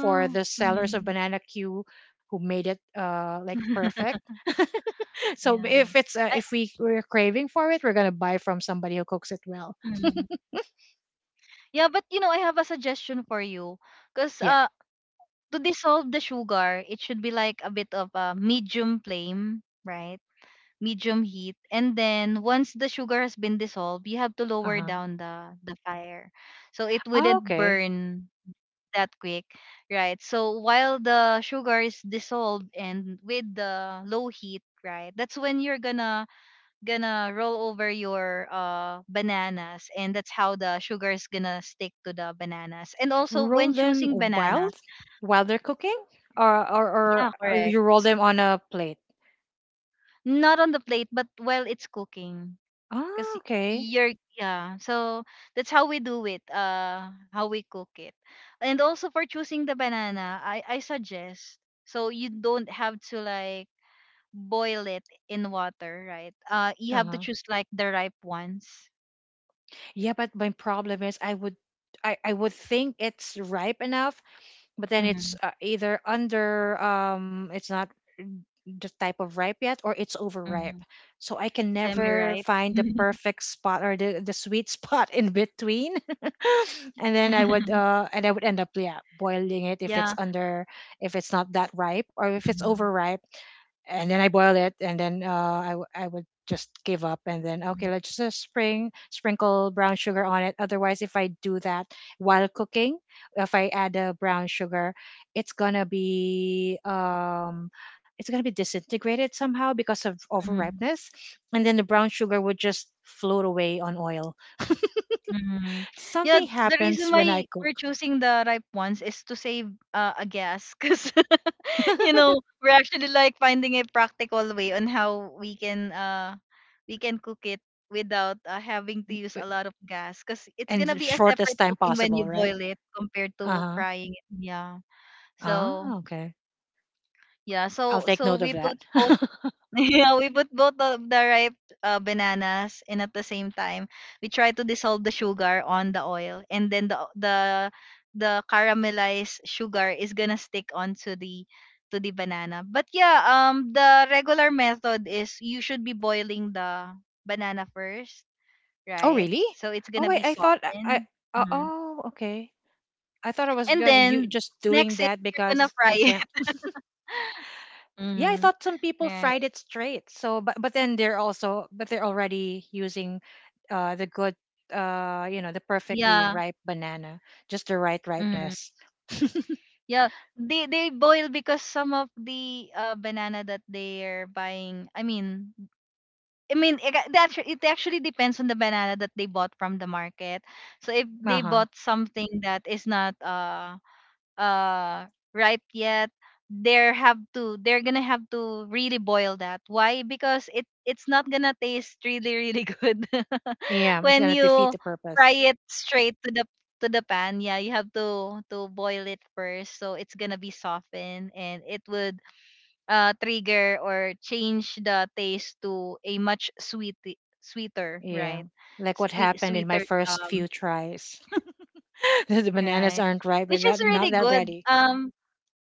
[SPEAKER 2] for the sellers of
[SPEAKER 1] Mm.
[SPEAKER 2] banana q who made it uh like perfect. So
[SPEAKER 1] Yeah.
[SPEAKER 2] if it's uh,
[SPEAKER 1] I
[SPEAKER 2] if we we're craving for it we're gonna buy from somebody who cooks it well.
[SPEAKER 1] mm. Yeah, but you know, I have a suggestion for you. Because
[SPEAKER 2] Yeah.
[SPEAKER 1] uh to dissolve the sugar, it should be like a bit of a medium flame, right? Medium heat, and then once the sugar has been dissolved, you have to lower
[SPEAKER 2] Uh-huh.
[SPEAKER 1] down the the fire so it
[SPEAKER 2] Oh,
[SPEAKER 1] wouldn't
[SPEAKER 2] okay.
[SPEAKER 1] burn that quick. Right, so while the sugar is dissolved and with the low heat, right, that's when you're gonna gonna roll over your uh bananas, and that's how the sugar is gonna stick to the bananas. And also
[SPEAKER 2] Roll
[SPEAKER 1] when
[SPEAKER 2] them
[SPEAKER 1] choosing
[SPEAKER 2] wild
[SPEAKER 1] banana.
[SPEAKER 2] while they're cooking or, or or
[SPEAKER 1] Yeah,
[SPEAKER 2] or you
[SPEAKER 1] correct,
[SPEAKER 2] roll them on a plate.
[SPEAKER 1] not on the plate but while it's cooking. Because
[SPEAKER 2] Oh okay.
[SPEAKER 1] you're, yeah, so that's how we do it, uh how we cook it. And also for choosing the banana, i i suggest, so you don't have to like boil it in water, right? Uh you have to
[SPEAKER 2] Uh-huh.
[SPEAKER 1] choose like the ripe ones.
[SPEAKER 2] Yeah, but my problem is I would I, I would think it's ripe enough, but then it's
[SPEAKER 1] Mm-hmm.
[SPEAKER 2] uh, either under um it's not the type of ripe yet or it's overripe.
[SPEAKER 1] Mm-hmm.
[SPEAKER 2] So I can
[SPEAKER 1] Semi
[SPEAKER 2] never
[SPEAKER 1] ripe.
[SPEAKER 2] find the perfect spot or the, the sweet spot in between and then I would uh and I would end up yeah boiling it if it's
[SPEAKER 1] Yeah.
[SPEAKER 2] under if it's not that ripe or if it's
[SPEAKER 1] Mhm,
[SPEAKER 2] overripe and then I boil it and then uh I, w- I would just give up and then okay let's just uh, spring sprinkle brown sugar on it otherwise if I do that while cooking if I add a brown sugar it's gonna be um it's gonna be disintegrated somehow because of
[SPEAKER 1] mhm,
[SPEAKER 2] overripeness and then the brown sugar would just float away on oil
[SPEAKER 1] mhm. Yeah,
[SPEAKER 2] something
[SPEAKER 1] the
[SPEAKER 2] happens
[SPEAKER 1] reason
[SPEAKER 2] when I
[SPEAKER 1] why
[SPEAKER 2] cook
[SPEAKER 1] we're choosing the ripe ones is to save uh, a gas because, you know, we're actually like finding a practical way on how we can uh we can cook it without uh, having to use a lot of gas, because it's
[SPEAKER 2] and
[SPEAKER 1] gonna
[SPEAKER 2] the
[SPEAKER 1] be a
[SPEAKER 2] shortest
[SPEAKER 1] separate
[SPEAKER 2] time
[SPEAKER 1] cooking when you
[SPEAKER 2] possible, right?
[SPEAKER 1] boil it compared
[SPEAKER 2] Uh
[SPEAKER 1] to
[SPEAKER 2] huh.
[SPEAKER 1] frying it. Yeah.
[SPEAKER 2] Ah,
[SPEAKER 1] So
[SPEAKER 2] okay.
[SPEAKER 1] yeah.
[SPEAKER 2] I'll
[SPEAKER 1] So
[SPEAKER 2] take
[SPEAKER 1] so
[SPEAKER 2] note of
[SPEAKER 1] we
[SPEAKER 2] that.
[SPEAKER 1] put both. Yeah, we put both of the ripe uh, bananas, and at the same time we try to dissolve the sugar on the oil, and then the the the caramelized sugar is gonna stick onto the to the banana. But yeah, um the regular method is you should be boiling the banana first,
[SPEAKER 2] Oh,
[SPEAKER 1] right?
[SPEAKER 2] really?
[SPEAKER 1] So it's
[SPEAKER 2] Oh,
[SPEAKER 1] gonna
[SPEAKER 2] wait.
[SPEAKER 1] be
[SPEAKER 2] I thought I. I-
[SPEAKER 1] softened. Mhm.
[SPEAKER 2] Oh, okay. I thought I was
[SPEAKER 1] And
[SPEAKER 2] going you
[SPEAKER 1] then
[SPEAKER 2] just doing
[SPEAKER 1] next is
[SPEAKER 2] that
[SPEAKER 1] you're
[SPEAKER 2] because
[SPEAKER 1] gonna
[SPEAKER 2] I
[SPEAKER 1] fry it.
[SPEAKER 2] can't. Yeah, I
[SPEAKER 1] Hmm.
[SPEAKER 2] thought some people fried
[SPEAKER 1] Right.
[SPEAKER 2] it straight. So, but but then they're also but they're already using, uh, the good, uh, you know, the perfectly
[SPEAKER 1] Yeah.
[SPEAKER 2] ripe banana, just the right
[SPEAKER 1] Mm-hmm.
[SPEAKER 2] ripeness.
[SPEAKER 1] Yeah, they they boil because some of the uh banana that they're buying. I mean, I mean it, ac- that's it actually depends on the banana that they bought from the market. So if they
[SPEAKER 2] Uh huh.
[SPEAKER 1] bought something that is not uh uh ripe yet, they're have to they're gonna have to really boil that. Why? Because it it's not gonna taste really really good.
[SPEAKER 2] Yeah, it's
[SPEAKER 1] When
[SPEAKER 2] gonna defeat
[SPEAKER 1] you
[SPEAKER 2] the
[SPEAKER 1] fry
[SPEAKER 2] purpose.
[SPEAKER 1] it straight to the to the pan, yeah, you have to to boil it first, so it's gonna be softened and it would uh trigger or change the taste to a much sweet sweeter,
[SPEAKER 2] Yeah,
[SPEAKER 1] right?
[SPEAKER 2] like what
[SPEAKER 1] Sweet
[SPEAKER 2] happened in my
[SPEAKER 1] sweeter,
[SPEAKER 2] first few
[SPEAKER 1] um
[SPEAKER 2] tries. The bananas
[SPEAKER 1] right
[SPEAKER 2] aren't ripe, but
[SPEAKER 1] which is
[SPEAKER 2] that,
[SPEAKER 1] really
[SPEAKER 2] not that
[SPEAKER 1] good.
[SPEAKER 2] ready.
[SPEAKER 1] Um,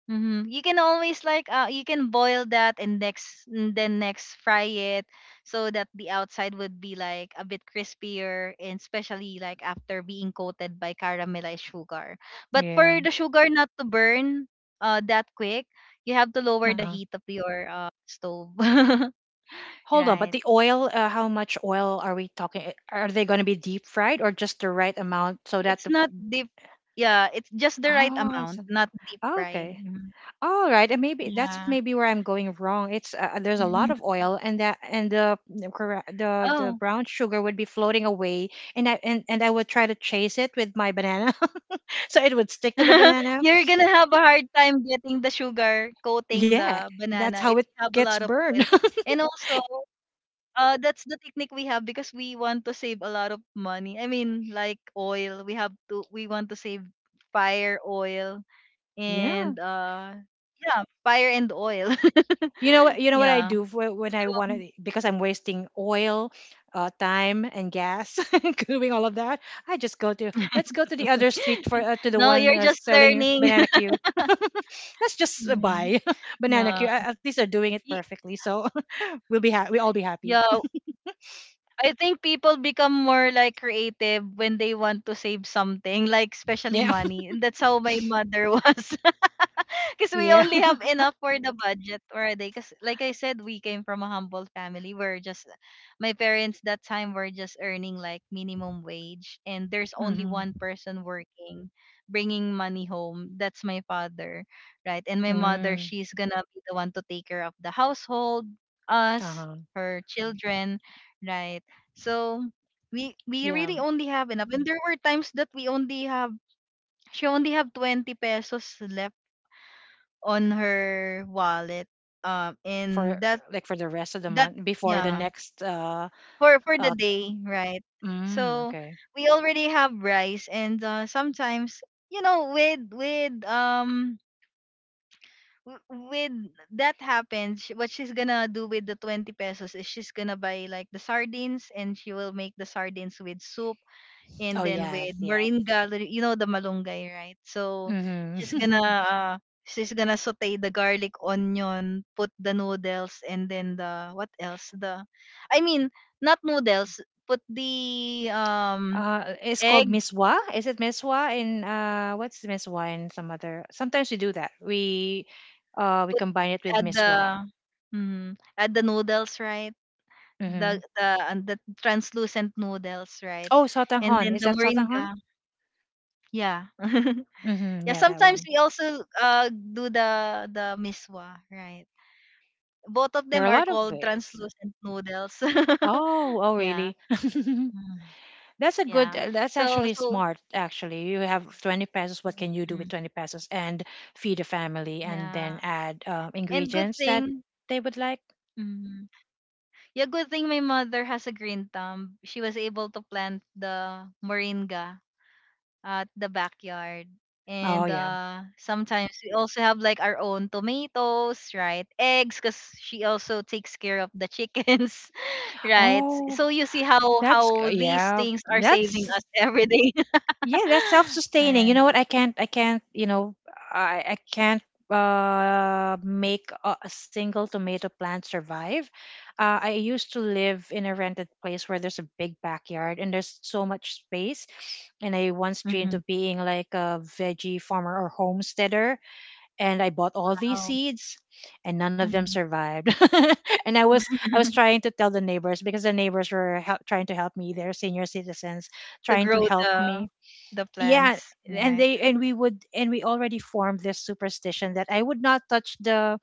[SPEAKER 1] mm-hmm. You can always like, uh, you can boil that and next and then next fry it, so that the outside would be like a bit crispier, and especially like after being coated by caramelized sugar. But for
[SPEAKER 2] Yeah.
[SPEAKER 1] the sugar not to burn uh that quick, you have to lower the
[SPEAKER 2] Uh-huh.
[SPEAKER 1] heat of your uh stove.
[SPEAKER 2] Hold on, but
[SPEAKER 1] Right.
[SPEAKER 2] the oil, uh, how much oil are we talking? Eh, are they going to be deep fried or just the right amount so that
[SPEAKER 1] It's
[SPEAKER 2] the
[SPEAKER 1] not deep. Yeah, it's just the right
[SPEAKER 2] Oh, it's
[SPEAKER 1] amount,
[SPEAKER 2] see.
[SPEAKER 1] not deep
[SPEAKER 2] Oh,
[SPEAKER 1] fry.
[SPEAKER 2] okay.
[SPEAKER 1] Mhm.
[SPEAKER 2] All right, and maybe that's
[SPEAKER 1] Yeah.
[SPEAKER 2] maybe where I'm going wrong. It's uh, there's a lot
[SPEAKER 1] Mhm.
[SPEAKER 2] of oil, and that and the the corre- the the
[SPEAKER 1] Oh.
[SPEAKER 2] brown sugar would be floating away, and I and, and I would try to chase it with my banana, so it would stick to the banana.
[SPEAKER 1] You're gonna have a hard time getting the sugar coating
[SPEAKER 2] Yeah,
[SPEAKER 1] the
[SPEAKER 2] that's
[SPEAKER 1] banana if
[SPEAKER 2] how it
[SPEAKER 1] you have a
[SPEAKER 2] gets
[SPEAKER 1] lot of oil.
[SPEAKER 2] burned.
[SPEAKER 1] And also, uh, that's the technique we have because we want to save a lot of money. I mean, like oil, we have to we want to save fire oil and
[SPEAKER 2] Yeah,
[SPEAKER 1] uh yeah, fire and oil.
[SPEAKER 2] you know what? You know what I
[SPEAKER 1] Yeah.
[SPEAKER 2] do for, when I want to because I'm wasting oil, uh, time, and gas doing all of that. I just go to let's go to the other street for uh, to the
[SPEAKER 1] No,
[SPEAKER 2] one
[SPEAKER 1] you're
[SPEAKER 2] uh,
[SPEAKER 1] just
[SPEAKER 2] selling
[SPEAKER 1] learning.
[SPEAKER 2] banana queue. Let's just uh,
[SPEAKER 1] Mm,
[SPEAKER 2] buy banana
[SPEAKER 1] yeah.
[SPEAKER 2] queue. A- At least they're doing it
[SPEAKER 1] Y-
[SPEAKER 2] perfectly, so we'll be ha- we all be happy.
[SPEAKER 1] Yeah, I think people become more like creative when they want to save something, like especially
[SPEAKER 2] Yeah,
[SPEAKER 1] money. And that's how my mother was. Because we
[SPEAKER 2] yeah.
[SPEAKER 1] only have enough for the budget already. Because, like I said, we came from a humble family. We're just, my parents that time were just earning like minimum wage, and there's only
[SPEAKER 2] Mm-hmm.
[SPEAKER 1] one person working, bringing money home. That's my father, right? And my mother,
[SPEAKER 2] Mm,
[SPEAKER 1] she's gonna be the one to take care of the household, us,
[SPEAKER 2] uh-huh.
[SPEAKER 1] her children, right? So we we
[SPEAKER 2] Yeah,
[SPEAKER 1] really
[SPEAKER 2] um,
[SPEAKER 1] only have enough. And there were times that we only have she only have twenty pesos left on her wallet, um
[SPEAKER 2] for
[SPEAKER 1] and that
[SPEAKER 2] like for the rest of the
[SPEAKER 1] that
[SPEAKER 2] month before the
[SPEAKER 1] Yeah,
[SPEAKER 2] next uh
[SPEAKER 1] for for the
[SPEAKER 2] uh
[SPEAKER 1] day, right?
[SPEAKER 2] mm,
[SPEAKER 1] So
[SPEAKER 2] okay.
[SPEAKER 1] we already have rice, and uh, sometimes, you know, with with um w- with that happens, sh- what she's gonna do with the twenty pesos is she's gonna buy like the sardines, and she will make the sardines with soup, and
[SPEAKER 2] Oh
[SPEAKER 1] then
[SPEAKER 2] yes,
[SPEAKER 1] with
[SPEAKER 2] yes.
[SPEAKER 1] Marine Gallery, you know, the malunggay, right? So she's gonna
[SPEAKER 2] Mm-hmm.
[SPEAKER 1] uh, she's gonna saute the garlic, onion, put the noodles, and then the what else? The I mean, not noodles. Put the um
[SPEAKER 2] Uh it's called
[SPEAKER 1] egg.
[SPEAKER 2] miswa is it miswa in uh what's the miswa in some other sometimes we do that we uh we
[SPEAKER 1] Put
[SPEAKER 2] combine it with
[SPEAKER 1] add
[SPEAKER 2] miswa.
[SPEAKER 1] the mm, add the noodles, right? The
[SPEAKER 2] Mm-hmm.
[SPEAKER 1] the and the translucent noodles, right?
[SPEAKER 2] Oh
[SPEAKER 1] And
[SPEAKER 2] sotanghon
[SPEAKER 1] then
[SPEAKER 2] is
[SPEAKER 1] the
[SPEAKER 2] that sotanghon.
[SPEAKER 1] moringa. Yeah.
[SPEAKER 2] Mm-hmm.
[SPEAKER 1] Yeah,
[SPEAKER 2] Yeah, that
[SPEAKER 1] sometimes
[SPEAKER 2] one.
[SPEAKER 1] we also uh do the the miswa, right? Both of
[SPEAKER 2] There are a
[SPEAKER 1] them are
[SPEAKER 2] lot of
[SPEAKER 1] called
[SPEAKER 2] ways.
[SPEAKER 1] translucent noodles.
[SPEAKER 2] Oh oh
[SPEAKER 1] Yeah.
[SPEAKER 2] really?
[SPEAKER 1] Mm.
[SPEAKER 2] That's a good
[SPEAKER 1] Yeah.
[SPEAKER 2] uh, that's
[SPEAKER 1] So
[SPEAKER 2] actually
[SPEAKER 1] so
[SPEAKER 2] smart actually. You have twenty pesos. What can you do
[SPEAKER 1] mm,
[SPEAKER 2] with twenty pesos and feed a family? And
[SPEAKER 1] yeah.
[SPEAKER 2] then add uh,
[SPEAKER 1] And good
[SPEAKER 2] ingredients that
[SPEAKER 1] thing
[SPEAKER 2] they would like.
[SPEAKER 1] mm, yeah, good thing my mother has a green thumb. She was able to plant the moringa at the backyard.
[SPEAKER 2] Oh
[SPEAKER 1] And
[SPEAKER 2] yeah.
[SPEAKER 1] uh, sometimes we also have like our own tomatoes, right? Eggs, because she also takes care of the chickens, right?
[SPEAKER 2] oh
[SPEAKER 1] So you see how
[SPEAKER 2] that's
[SPEAKER 1] how
[SPEAKER 2] g-
[SPEAKER 1] these
[SPEAKER 2] yeah.
[SPEAKER 1] things are saving
[SPEAKER 2] that's
[SPEAKER 1] us every day.
[SPEAKER 2] Yeah, that's self-sustaining. You know
[SPEAKER 1] Alright.
[SPEAKER 2] what? I can't I can't you know I I can't uh make a, a single tomato plant survive. uh, I used to live in a rented place where there's a big backyard and there's so much space, and I once dreamed
[SPEAKER 1] Mhm.
[SPEAKER 2] of being like a veggie farmer or homesteader, and I bought all these
[SPEAKER 1] Wow.
[SPEAKER 2] seeds, and none of them
[SPEAKER 1] Mhm.
[SPEAKER 2] survived. And i was i was trying to tell the neighbors, because the neighbors were help, trying to help me. They're senior citizens
[SPEAKER 1] To
[SPEAKER 2] trying to
[SPEAKER 1] grow
[SPEAKER 2] help
[SPEAKER 1] the
[SPEAKER 2] me.
[SPEAKER 1] the
[SPEAKER 2] Yeah.
[SPEAKER 1] plants,
[SPEAKER 2] And
[SPEAKER 1] right?
[SPEAKER 2] they and we would and we already formed this superstition that I would not touch the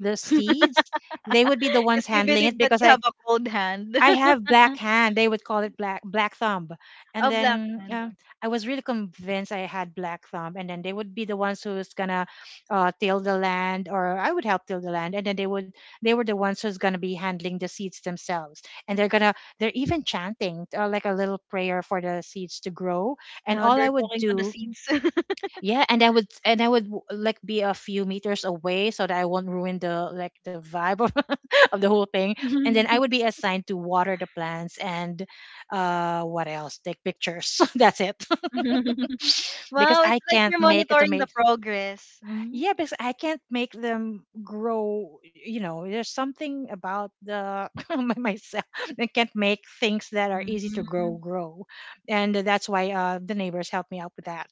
[SPEAKER 2] the seeds. They would be the ones
[SPEAKER 1] Because you
[SPEAKER 2] handling it,
[SPEAKER 1] believe that
[SPEAKER 2] because
[SPEAKER 1] you
[SPEAKER 2] i
[SPEAKER 1] have a cold hand,
[SPEAKER 2] I have black hand, they would call it black black thumb. And
[SPEAKER 1] a black
[SPEAKER 2] then
[SPEAKER 1] hand.
[SPEAKER 2] um, I was really convinced I had black thumb, and then they would be the ones who's gonna uh, till the land, or I would help till the land, and then they would they were the ones who's gonna be handling the seeds themselves, and they're gonna they're even chanting uh, like a little prayer for the seeds to grow. And
[SPEAKER 1] Yeah,
[SPEAKER 2] all
[SPEAKER 1] they're
[SPEAKER 2] I would
[SPEAKER 1] talking to the
[SPEAKER 2] do.
[SPEAKER 1] seeds.
[SPEAKER 2] Yeah, and I would and I would w- like be a few meters away so that I won't ruin the like the vibe of, of the whole thing. And then I would be assigned to water the plants, and uh what else? Take pictures. That's it. Because
[SPEAKER 1] Wow, it's
[SPEAKER 2] I
[SPEAKER 1] like
[SPEAKER 2] can't
[SPEAKER 1] you're
[SPEAKER 2] make a
[SPEAKER 1] monitoring the
[SPEAKER 2] tomato.
[SPEAKER 1] progress. Mhm.
[SPEAKER 2] Yeah, because I can't make them grow. You know, there's something about the my- myself. I can't make things that are easy to grow
[SPEAKER 1] Mhm.
[SPEAKER 2] grow, and that's why uh, the neighbors help me out with that.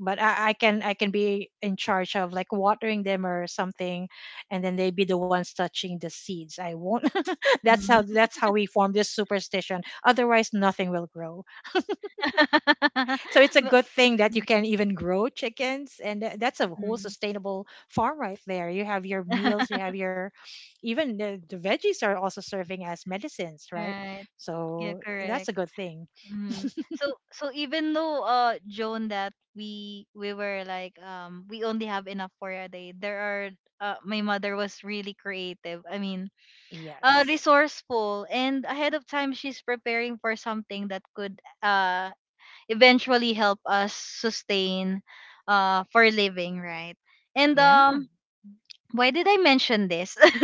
[SPEAKER 2] But I, I can I can be in charge of like watering them or something, and then they be the ones touching the seeds. I won't. That's how
[SPEAKER 1] Mhm.
[SPEAKER 2] that's how we form this superstition. Otherwise nothing will grow. So it's a
[SPEAKER 1] Ma-
[SPEAKER 2] good thing that you can even grow chickens, and tha- that's a whole
[SPEAKER 1] Mhm.
[SPEAKER 2] sustainable farm right there. You have your meals, you have your even the, the veggies are also serving as medicines, right?
[SPEAKER 1] Right. Yeah,
[SPEAKER 2] So that's
[SPEAKER 1] correct.
[SPEAKER 2] a good thing.
[SPEAKER 1] Mm. So so even though uh Joan, that we we were like um we only have enough for a day. There are uh my mother was really creative. I mean, uh
[SPEAKER 2] Yes.
[SPEAKER 1] resourceful and ahead of time, she's preparing for something that could uh eventually help us sustain uh for living, right? And
[SPEAKER 2] Yeah.
[SPEAKER 1] um, why did I mention this?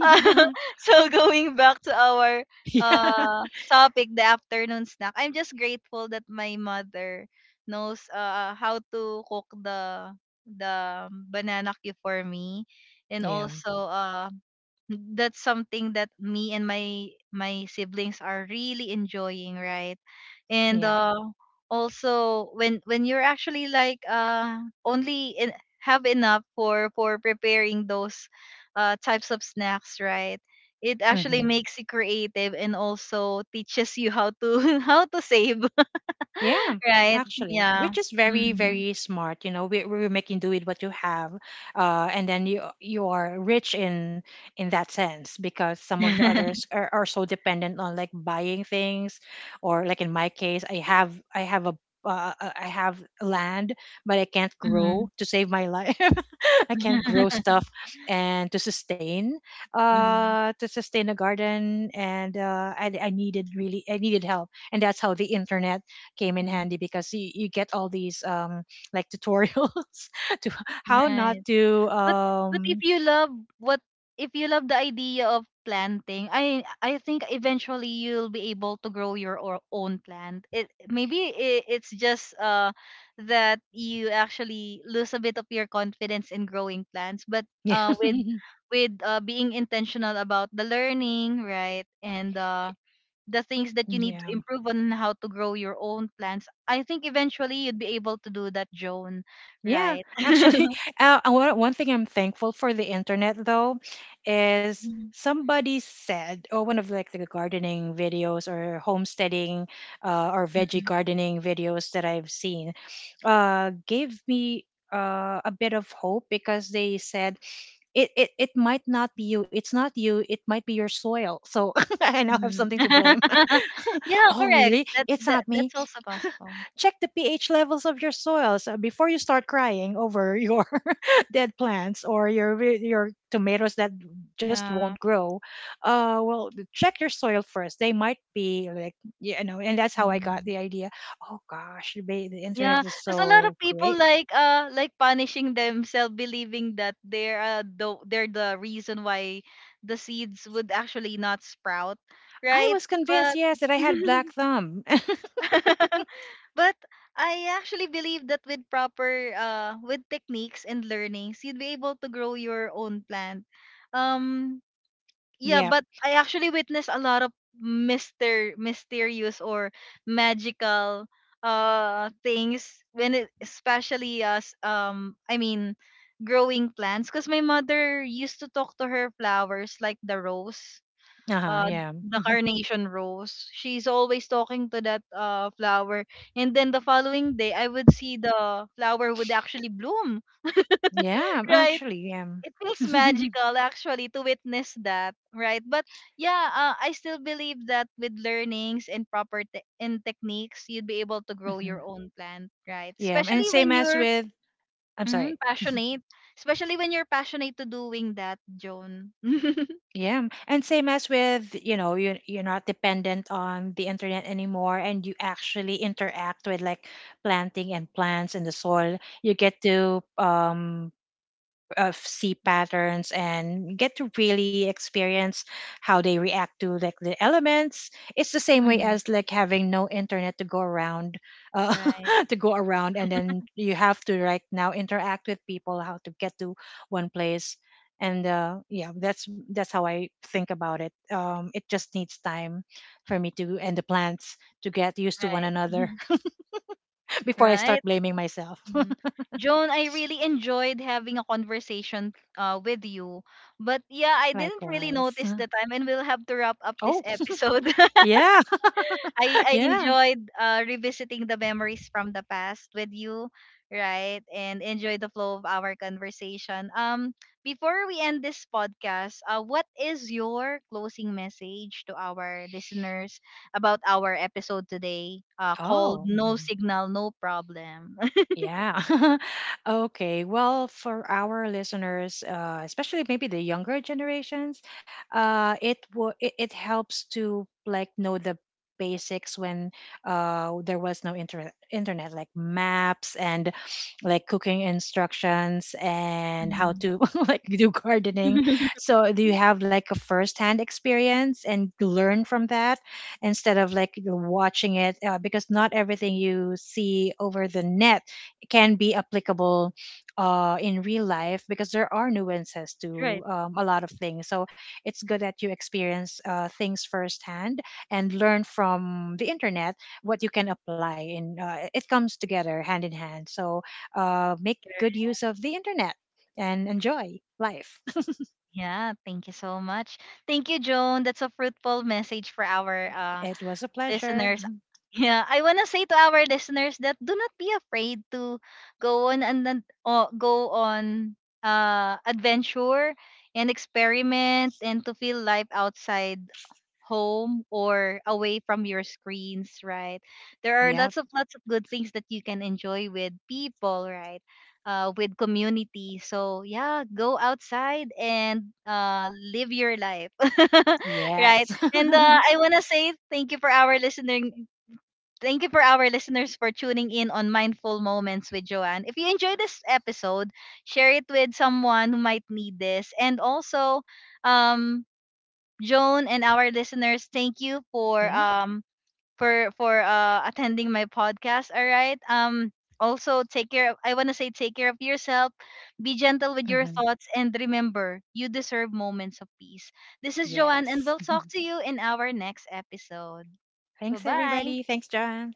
[SPEAKER 1] So going back to our
[SPEAKER 2] Yeah.
[SPEAKER 1] uh topic, the afternoon snack. I'm just grateful that my mother knows uh how to cook the the banana cue for me, and
[SPEAKER 2] Yeah.
[SPEAKER 1] also uh that's something that me and my my siblings are really enjoying, right? And
[SPEAKER 2] Yeah.
[SPEAKER 1] uh also when when you're actually like uh only in, have enough for for preparing those uh types of snacks, right, it actually
[SPEAKER 2] Mm-hmm.
[SPEAKER 1] makes you creative and also teaches you how to how to save.
[SPEAKER 2] Yeah,
[SPEAKER 1] Right.
[SPEAKER 2] actually,
[SPEAKER 1] Yeah,
[SPEAKER 2] which is very,
[SPEAKER 1] mm-hmm.
[SPEAKER 2] very smart. You know, we, we're making do with what you have, uh, and then you you are rich in in that sense, because some of the others are, are so dependent on like buying things, or like in my case, I have I have a uh, uh, I have land, but I can't
[SPEAKER 1] Mm-hmm.
[SPEAKER 2] grow to save my life. I can't grow stuff and to sustain, uh, to sustain a garden, and uh, I, I needed really I needed help, and that's how the internet came in handy, because you, you get all these um like tutorials to how not
[SPEAKER 1] Right.
[SPEAKER 2] to
[SPEAKER 1] but but if
[SPEAKER 2] um
[SPEAKER 1] you love what if you love the idea of planting, i i think eventually you'll be able to grow your or- own plant. It maybe I it's just uh that you actually lose a bit of your confidence in growing plants, but
[SPEAKER 2] yeah.
[SPEAKER 1] uh with with uh, being intentional about the learning, right, and uh the things that you need to
[SPEAKER 2] Yeah.
[SPEAKER 1] improve on how to grow your own plants, I think eventually you'd be able to do that, Joan,
[SPEAKER 2] Yeah,
[SPEAKER 1] right?
[SPEAKER 2] actually, uh, uh, one, one thing I'm thankful for the internet though is somebody said, or one of like the gardening videos or homesteading uh, or veggie
[SPEAKER 1] Mhm.
[SPEAKER 2] gardening videos that I've seen uh, gave me uh, a bit of hope, because they said it, it it might not be you, it's not you, it might be your soil. So I now have
[SPEAKER 1] Mhm.
[SPEAKER 2] something to blame.
[SPEAKER 1] Yeah,
[SPEAKER 2] Oh
[SPEAKER 1] correct.
[SPEAKER 2] really,
[SPEAKER 1] That
[SPEAKER 2] it's
[SPEAKER 1] that
[SPEAKER 2] not me.
[SPEAKER 1] that's also possible.
[SPEAKER 2] Check the pH levels of your soils uh, before you start crying over your dead plants or your re- your tomatoes that just won't
[SPEAKER 1] Yeah.
[SPEAKER 2] grow. Uh well, check your soil first. They might be like, you know. And that's how I got
[SPEAKER 1] Mhm.
[SPEAKER 2] the idea. Oh gosh, the the internet
[SPEAKER 1] Yeah,
[SPEAKER 2] is
[SPEAKER 1] because a lot
[SPEAKER 2] so
[SPEAKER 1] of people
[SPEAKER 2] great.
[SPEAKER 1] like uh like punishing themselves, believing that they're uh the, they're the reason why the seeds would actually not sprout,
[SPEAKER 2] I
[SPEAKER 1] right?
[SPEAKER 2] was convinced,
[SPEAKER 1] But
[SPEAKER 2] yes, that I had black thumb.
[SPEAKER 1] but I actually believe that with proper uh with techniques and learnings, you'd be able to grow your own plant. Um,
[SPEAKER 2] Yeah.
[SPEAKER 1] Yeah, but I actually witnessed a lot of mister mysterious or magical uh things when it, especially as um I mean growing plants, because my mother used to talk to her flowers, like the rose,
[SPEAKER 2] Uh-huh.
[SPEAKER 1] uh
[SPEAKER 2] Yeah.
[SPEAKER 1] the
[SPEAKER 2] Mm-hmm.
[SPEAKER 1] carnation rose. She's always talking to that uh flower, and then the following day I would see the flower would actually bloom.
[SPEAKER 2] Yeah, I'm
[SPEAKER 1] Right.
[SPEAKER 2] actually, um,
[SPEAKER 1] It feels magical actually to witness that, right? But yeah, uh, I still believe that with learnings and proper te- and techniques, you'd be able to grow your
[SPEAKER 2] mhm.
[SPEAKER 1] own plant, right?
[SPEAKER 2] Yeah, and
[SPEAKER 1] Especially
[SPEAKER 2] same
[SPEAKER 1] when
[SPEAKER 2] as
[SPEAKER 1] you're
[SPEAKER 2] with, I'm
[SPEAKER 1] mm,
[SPEAKER 2] sorry,
[SPEAKER 1] passionate, especially when you're passionate to doing that, Joan.
[SPEAKER 2] yeah, and same as with, you know, you you're not dependent on the internet anymore, and you actually interact with like planting and plants in the soil. You get to um of sea patterns, and get to really experience how they react to like the elements. It's the same way
[SPEAKER 1] Mhm.
[SPEAKER 2] as like having no internet to go around, uh,
[SPEAKER 1] Right,
[SPEAKER 2] to go around, and then you have to right now interact with people how to get to one place. And uh, yeah, that's that's how I think about it. Um, it just needs time for me to and the plants to get used to one
[SPEAKER 1] right,
[SPEAKER 2] another. Before I start
[SPEAKER 1] right.
[SPEAKER 2] blaming myself.
[SPEAKER 1] Mhm. Joan, I really enjoyed having a conversation uh, with you. But yeah, I didn't really
[SPEAKER 2] Likewise.
[SPEAKER 1] notice the time, and we'll have to wrap up this
[SPEAKER 2] Oh,
[SPEAKER 1] episode.
[SPEAKER 2] yeah.
[SPEAKER 1] I I
[SPEAKER 2] Yeah.
[SPEAKER 1] enjoyed uh, revisiting the memories from the past with you, right? And enjoy the flow of our conversation. Um, before we end this podcast, uh, what is your closing message to our listeners about our episode today? Uh, called
[SPEAKER 2] Oh,
[SPEAKER 1] "No
[SPEAKER 2] mhm.
[SPEAKER 1] Signal, No Problem."
[SPEAKER 2] Yeah. Okay. Well, for our listeners, uh, especially maybe the younger generations, uh, it, wo- it it helps to like know the basics when uh, there was no internet internet, like maps and like cooking instructions and how
[SPEAKER 1] Mm.
[SPEAKER 2] to like do gardening. So do you have like a first-hand experience and learn from that instead of like watching it, uh, because not everything you see over the net can be applicable uh, in real life, because there are nuances to
[SPEAKER 1] Right.
[SPEAKER 2] um, a lot of things. So it's good that you experience uh, things firsthand and learn from the internet what you can apply. And uh, it comes together hand in hand. So uh, make good use of the internet and enjoy life.
[SPEAKER 1] Yeah, thank you so much. Thank you, Joan. That's a fruitful message for our uh,
[SPEAKER 2] It was a pleasure.
[SPEAKER 1] listeners. Yeah, I wanna say to our listeners that do not be afraid to go on and then- o- go on uh adventure and experiment, and to feel life outside home or away from your screens, right? There are
[SPEAKER 2] Yep.
[SPEAKER 1] lots of lots of good things that you can enjoy with people, right? Uh, with community. So yeah, go outside and uh, live your life. Right?
[SPEAKER 2] Yes.
[SPEAKER 1] And uh, I wanna say thank you for our listening. Thank you for our listeners for tuning in on Mindful Moments with Joanne. If you enjoyed this episode, share it with someone who might need this, and also. Um, Joan and our listeners, thank you for
[SPEAKER 2] Yeah.
[SPEAKER 1] um, for for uh attending my podcast. All right. Um, also take care of, I want to say take care of yourself. Be gentle with your
[SPEAKER 2] Hmm.
[SPEAKER 1] thoughts, and remember, you deserve moments of peace. This is Joanne, and
[SPEAKER 2] Yes.
[SPEAKER 1] we'll talk to you in our next episode.
[SPEAKER 2] Thanks,
[SPEAKER 1] Bye-bye.
[SPEAKER 2] everybody. Thanks, John.